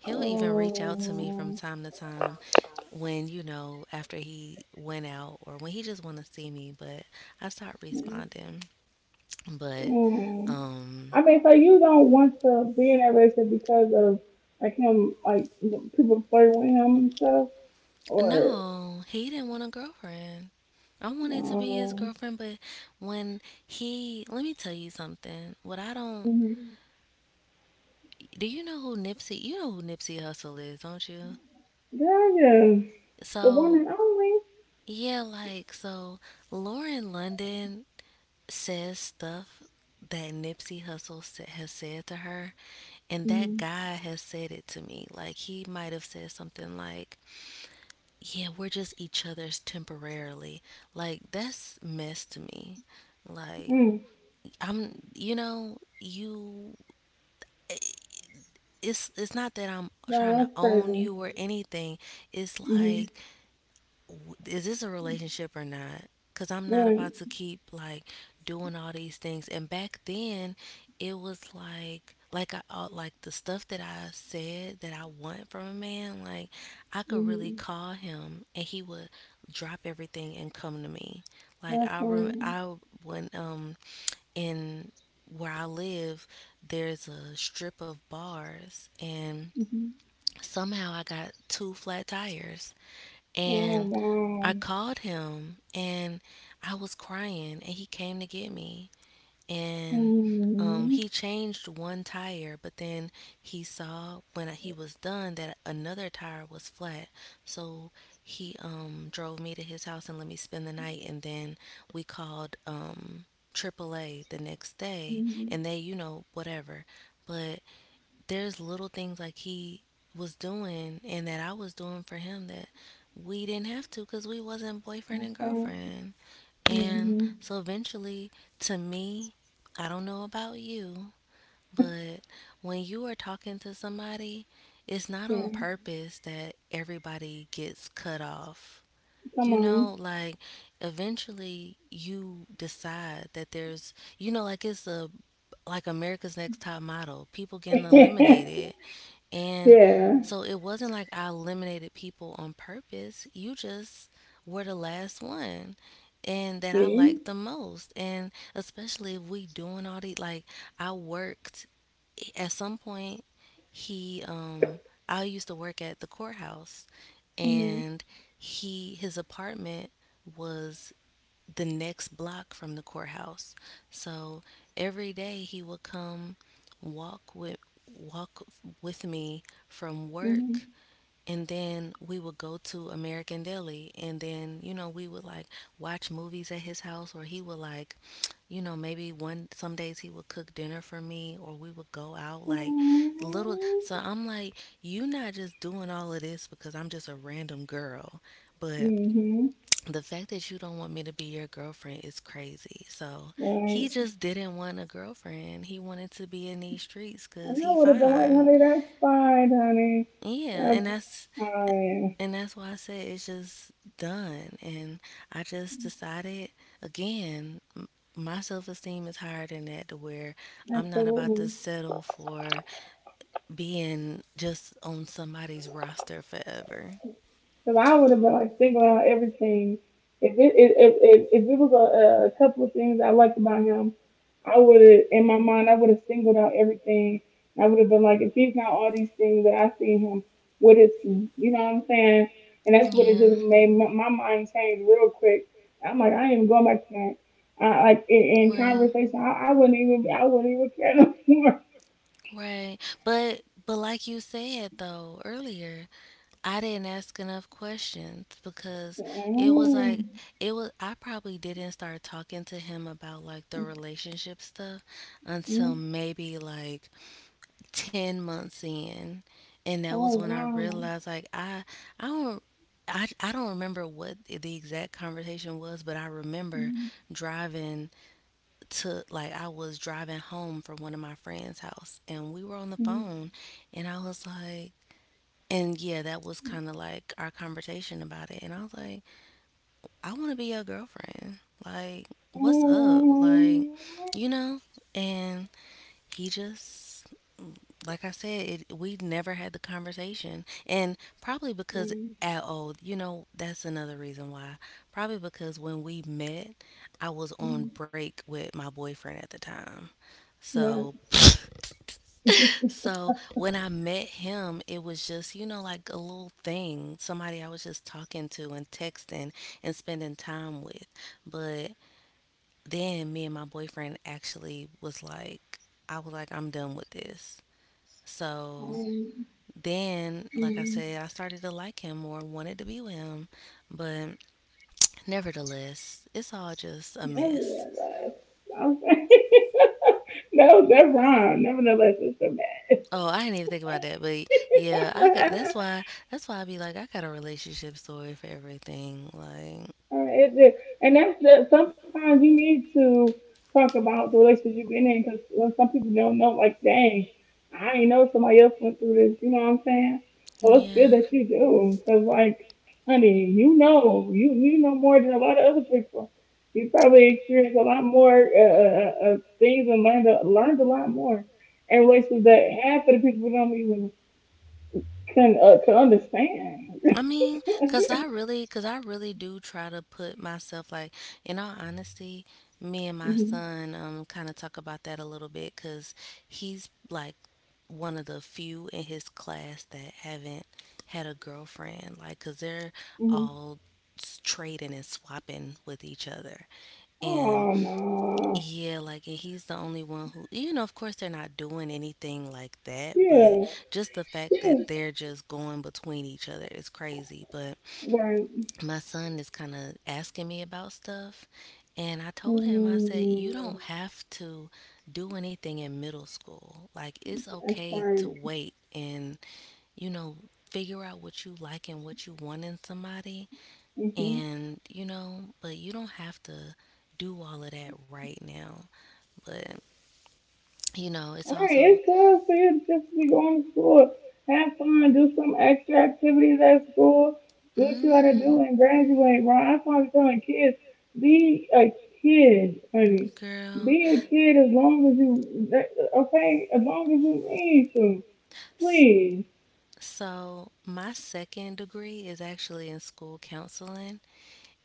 Speaker 2: he'll even reach out to me from
Speaker 1: Oh.
Speaker 2: time to time when, you know, after he went out or when he just want to see me, but I start responding. But,
Speaker 1: Mm. I
Speaker 2: um,
Speaker 1: mean, so you don't want to be in that relationship because of like him, like the people flirting with him and stuff, or
Speaker 2: no, he didn't want a girlfriend. I wanted to be his
Speaker 1: um,
Speaker 2: girlfriend, but when he, let me tell you something. What I don't,
Speaker 1: mm-hmm.
Speaker 2: do you know who Nipsey, you know who Nipsey Hussle is, don't you?
Speaker 1: That is the one
Speaker 2: So
Speaker 1: and only.
Speaker 2: yeah, like, so Lauren London says stuff that Nipsey Hussle has said to her, and that
Speaker 1: Mm-hmm.
Speaker 2: guy has said it to me. Like he might have said something like, "Yeah, we're just each other's temporarily." Like that's mess to me. Like
Speaker 1: Mm.
Speaker 2: I'm, you know, you. It's not that I'm
Speaker 1: Nah,
Speaker 2: trying to
Speaker 1: that's
Speaker 2: own
Speaker 1: crazy.
Speaker 2: you or anything. It's
Speaker 1: Mm-hmm.
Speaker 2: like is this a relationship or not? Because I'm not
Speaker 1: Right.
Speaker 2: about to keep like doing all these things. And back then, it was like I like the stuff that I said that I want from a man. Like I could really
Speaker 1: Mm-hmm.
Speaker 2: call him, and he would drop everything and come to me. Like
Speaker 1: That's
Speaker 2: I rem-
Speaker 1: right.
Speaker 2: I when in where I live, there's a strip of bars, and
Speaker 1: Mm-hmm.
Speaker 2: somehow I got two flat tires,
Speaker 1: Oh
Speaker 2: and I
Speaker 1: wow.
Speaker 2: called him and I was crying and he came to get me, and
Speaker 1: Hmm.
Speaker 2: he changed one tire, but then he saw when he was done that another tire was flat, so he drove me to his house and let me spend the night, and then we called AAA the next day,
Speaker 1: Mhm.
Speaker 2: and they, you know, whatever. But there's little things like he was doing, and that I was doing for him, that we didn't have to because we wasn't boyfriend and
Speaker 1: Okay.
Speaker 2: girlfriend. And
Speaker 1: Mhm.
Speaker 2: so eventually, to me, I don't know about you, but when you are talking to somebody, it's not
Speaker 1: Yeah.
Speaker 2: on purpose that everybody gets cut off.
Speaker 1: Come
Speaker 2: You
Speaker 1: on.
Speaker 2: know, like, eventually you decide that there's, you know, like, it's a, like, America's Next Top Model, people getting eliminated.
Speaker 1: *laughs*
Speaker 2: And
Speaker 1: Yeah.
Speaker 2: so it wasn't like I eliminated people on purpose. You just were the last one and that I
Speaker 1: See.
Speaker 2: liked the most. And especially if we doing all the, like, I worked at some point he um I used to work at the courthouse,
Speaker 1: Mhm.
Speaker 2: and he his apartment was the next block from the courthouse. So every day he would come walk with walk with me from work,
Speaker 1: Mhm.
Speaker 2: and then we would go to American Deli, and then you know we would like watch movies at his house, or he would like, you know, maybe one some days he would cook dinner for me, or we would go out like little, so I'm like, you not just doing all of this because I'm just a random girl, but
Speaker 1: Mhm.
Speaker 2: the fact that you don't want me to be your girlfriend is crazy. So he
Speaker 1: Right.
Speaker 2: just didn't want a girlfriend. He wanted to be in these streets because
Speaker 1: And I
Speaker 2: he
Speaker 1: would have been like,
Speaker 2: fine.
Speaker 1: honey, that's fine, honey.
Speaker 2: Yeah, and
Speaker 1: That's
Speaker 2: that's
Speaker 1: fine.
Speaker 2: and that's why I said it's just done. And I just decided again, my self esteem is higher than that, to where I'm not about to
Speaker 1: Absolutely.
Speaker 2: settle for being just on somebody's roster forever.
Speaker 1: So I would have been like single out everything. If it was a couple of things I liked about him, I would have in my mind I would have singled out everything. I would have been like, if he's not all these things that I see in him, what is he? You know what I'm saying? And that's what it
Speaker 2: Yeah.
Speaker 1: just made my, my mind change real quick. I'm like, I ain't even going back to that. I, like in
Speaker 2: Right.
Speaker 1: conversation, I, I wouldn't even care no more.
Speaker 2: Right. But but like you said though earlier, I didn't ask enough questions because it was like
Speaker 1: *laughs*
Speaker 2: it was I probably didn't start talking to him about like the relationship stuff
Speaker 1: Oh,
Speaker 2: until maybe like 10 months in, and that was
Speaker 1: oh
Speaker 2: when I
Speaker 1: wow.
Speaker 2: realized like I I don't I don't remember what the exact conversation was, but I remember
Speaker 1: Mm-hmm.
Speaker 2: driving to, like, I was driving home from one of my friends' house and we were on the
Speaker 1: Mm-hmm.
Speaker 2: phone, and I was like, and yeah, that was kind of like our conversation about it. And I was like, I want to be your girlfriend. Like, what's up? Like,
Speaker 1: And
Speaker 2: you know? And he just, like I said, it, we never had the conversation. And probably because, oh, you know, that's another reason why. Probably because when we met, I was on break with my boyfriend at the time. So *laughs*
Speaker 1: months
Speaker 2: so when I met him, it was just, you know, like a little thing, somebody I was just talking to and texting and spending time with. But then me and my boyfriend actually was like, I was like, I'm done with this. So
Speaker 1: and
Speaker 2: then, like I said, I started to like him more, wanted to be with him. But nevertheless, it's all just a mess.
Speaker 1: nevertheless, okay. *laughs* No, that rhyme. Nevertheless, it's a mess.
Speaker 2: Oh, I didn't even think about that, but yeah, I got that's
Speaker 1: *laughs*
Speaker 2: why that's why I be like I got a relationship story for everything. Like,
Speaker 1: And that's the, sometimes you need to talk about the relationship you've been in because some people don't know, like, dang, I ain't know somebody else went through this. You know what I'm saying? So it's
Speaker 2: yeah.
Speaker 1: good that you do because, like, honey, you know, you know more than a lot of other people. You probably experienced a lot more things and learned a, learned a lot more in relationships that half of the people don't even can understand.
Speaker 2: I mean,
Speaker 1: *laughs*
Speaker 2: cause I really do try to put myself like, in all honesty, me and my
Speaker 1: Hmm.
Speaker 2: son kind of talk about that a little bit, cause he's like one of the few in his class that haven't had a girlfriend, like, cause they're
Speaker 1: Hmm.
Speaker 2: all trading and swapping with each other, and.
Speaker 1: Oh no.
Speaker 2: Yeah, like, and he's the only one who, you know, of course they're not doing anything like that, but
Speaker 1: Yeah,
Speaker 2: just the fact
Speaker 1: yeah.
Speaker 2: that they're just going between each other is crazy. But
Speaker 1: Right.
Speaker 2: my son is kind of asking me about stuff, and I told him, I said, you
Speaker 1: Mm,
Speaker 2: don't have to do anything in middle school. Like, it's
Speaker 1: that's
Speaker 2: okay to
Speaker 1: right.
Speaker 2: wait and, you know, figure out what you like and what you want in somebody,
Speaker 1: Mm-hmm.
Speaker 2: and, you know, but you don't have to do all of that right now. But, you know, it's
Speaker 1: All right,
Speaker 2: also,
Speaker 1: it's good for you just to be going to school. Have fun, do some extra activities at school, do what you
Speaker 2: mm
Speaker 1: gotta
Speaker 2: hmm,
Speaker 1: do, and graduate, bro. That's why I'm telling kids be a kid, honey.
Speaker 2: girl.
Speaker 1: Be a kid as long as you, okay, as long as you need to,
Speaker 2: S-
Speaker 1: please.
Speaker 2: So, my second degree is actually in school counseling,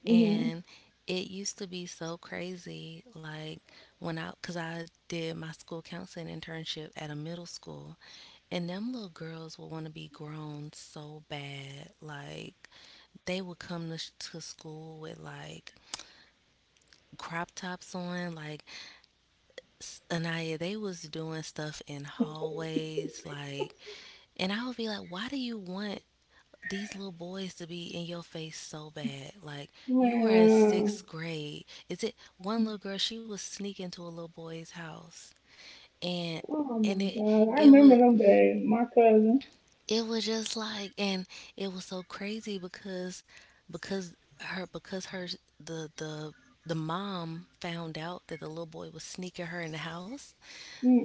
Speaker 1: Mm-hmm.
Speaker 2: and it used to be so crazy. Like, when I, because I did my school counseling internship at a middle school, and them little girls would want to be grown so bad. Like, they would come to school with like crop tops on, like, Anaya, they was doing stuff in hallways, like, and I would be like, why do you want these little boys to be in your face so bad? Like, you are in
Speaker 1: Well,
Speaker 2: sixth grade. Is it one little girl? She was sneaking to a little boy's house, and
Speaker 1: oh
Speaker 2: and
Speaker 1: my
Speaker 2: it
Speaker 1: God, I
Speaker 2: it
Speaker 1: remember
Speaker 2: would
Speaker 1: them days, my cousin.
Speaker 2: it was just like, and it was so crazy because because her because her the the the mom found out that the little boy was sneaking her in the house.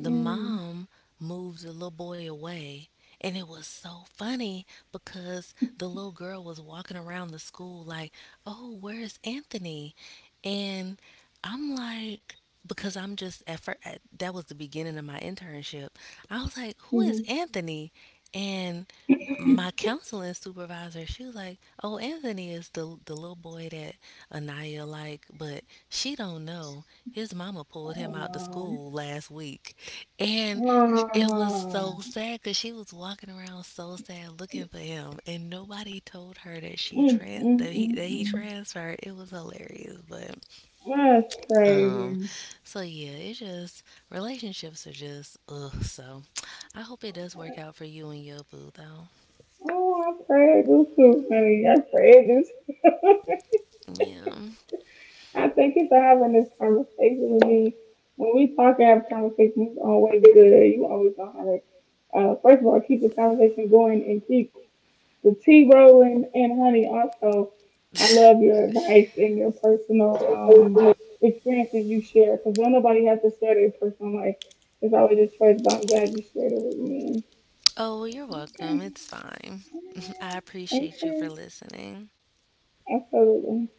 Speaker 2: The mom moved the little boy away. And it was so funny because the little girl was walking around the school like, "Oh, where's Anthony?" And I'm like, because I'm just at first that was the beginning of my internship. I was like, "Who
Speaker 1: Mm-hmm.
Speaker 2: is Anthony?" And my counseling supervisor, she was like, "Oh, Anthony is the little boy that Anaya like, but she don't know his mama pulled him out to
Speaker 1: Wow.
Speaker 2: school last week, and it was so sad because she was walking around so sad looking for him, and nobody told her
Speaker 1: Mm, mm,
Speaker 2: that he
Speaker 1: mm,
Speaker 2: that he
Speaker 1: mm.
Speaker 2: transferred." It was hilarious, but
Speaker 1: That's
Speaker 2: um,
Speaker 1: crazy.
Speaker 2: so yeah, it just relationships are just ugh. So I hope it does work out for you and your boo though.
Speaker 1: Oh, I pray I do too, honey. I pray I too.
Speaker 2: Yeah.
Speaker 1: *laughs* I thank you for having this conversation with me. When we talk and have conversations, it's always good. You always gonna have it. First of all, keep the conversation going and keep the T Rowland and Honey also, I love
Speaker 2: *laughs*
Speaker 1: your advice and your personal experiences you share because don't nobody have to share their personal life. It's always a choice, but I'm glad you shared it with me.
Speaker 2: Oh, you're welcome.
Speaker 1: Okay.
Speaker 2: It's fine. *laughs* I appreciate you for
Speaker 1: Encourage.
Speaker 2: listening.
Speaker 1: Absolutely.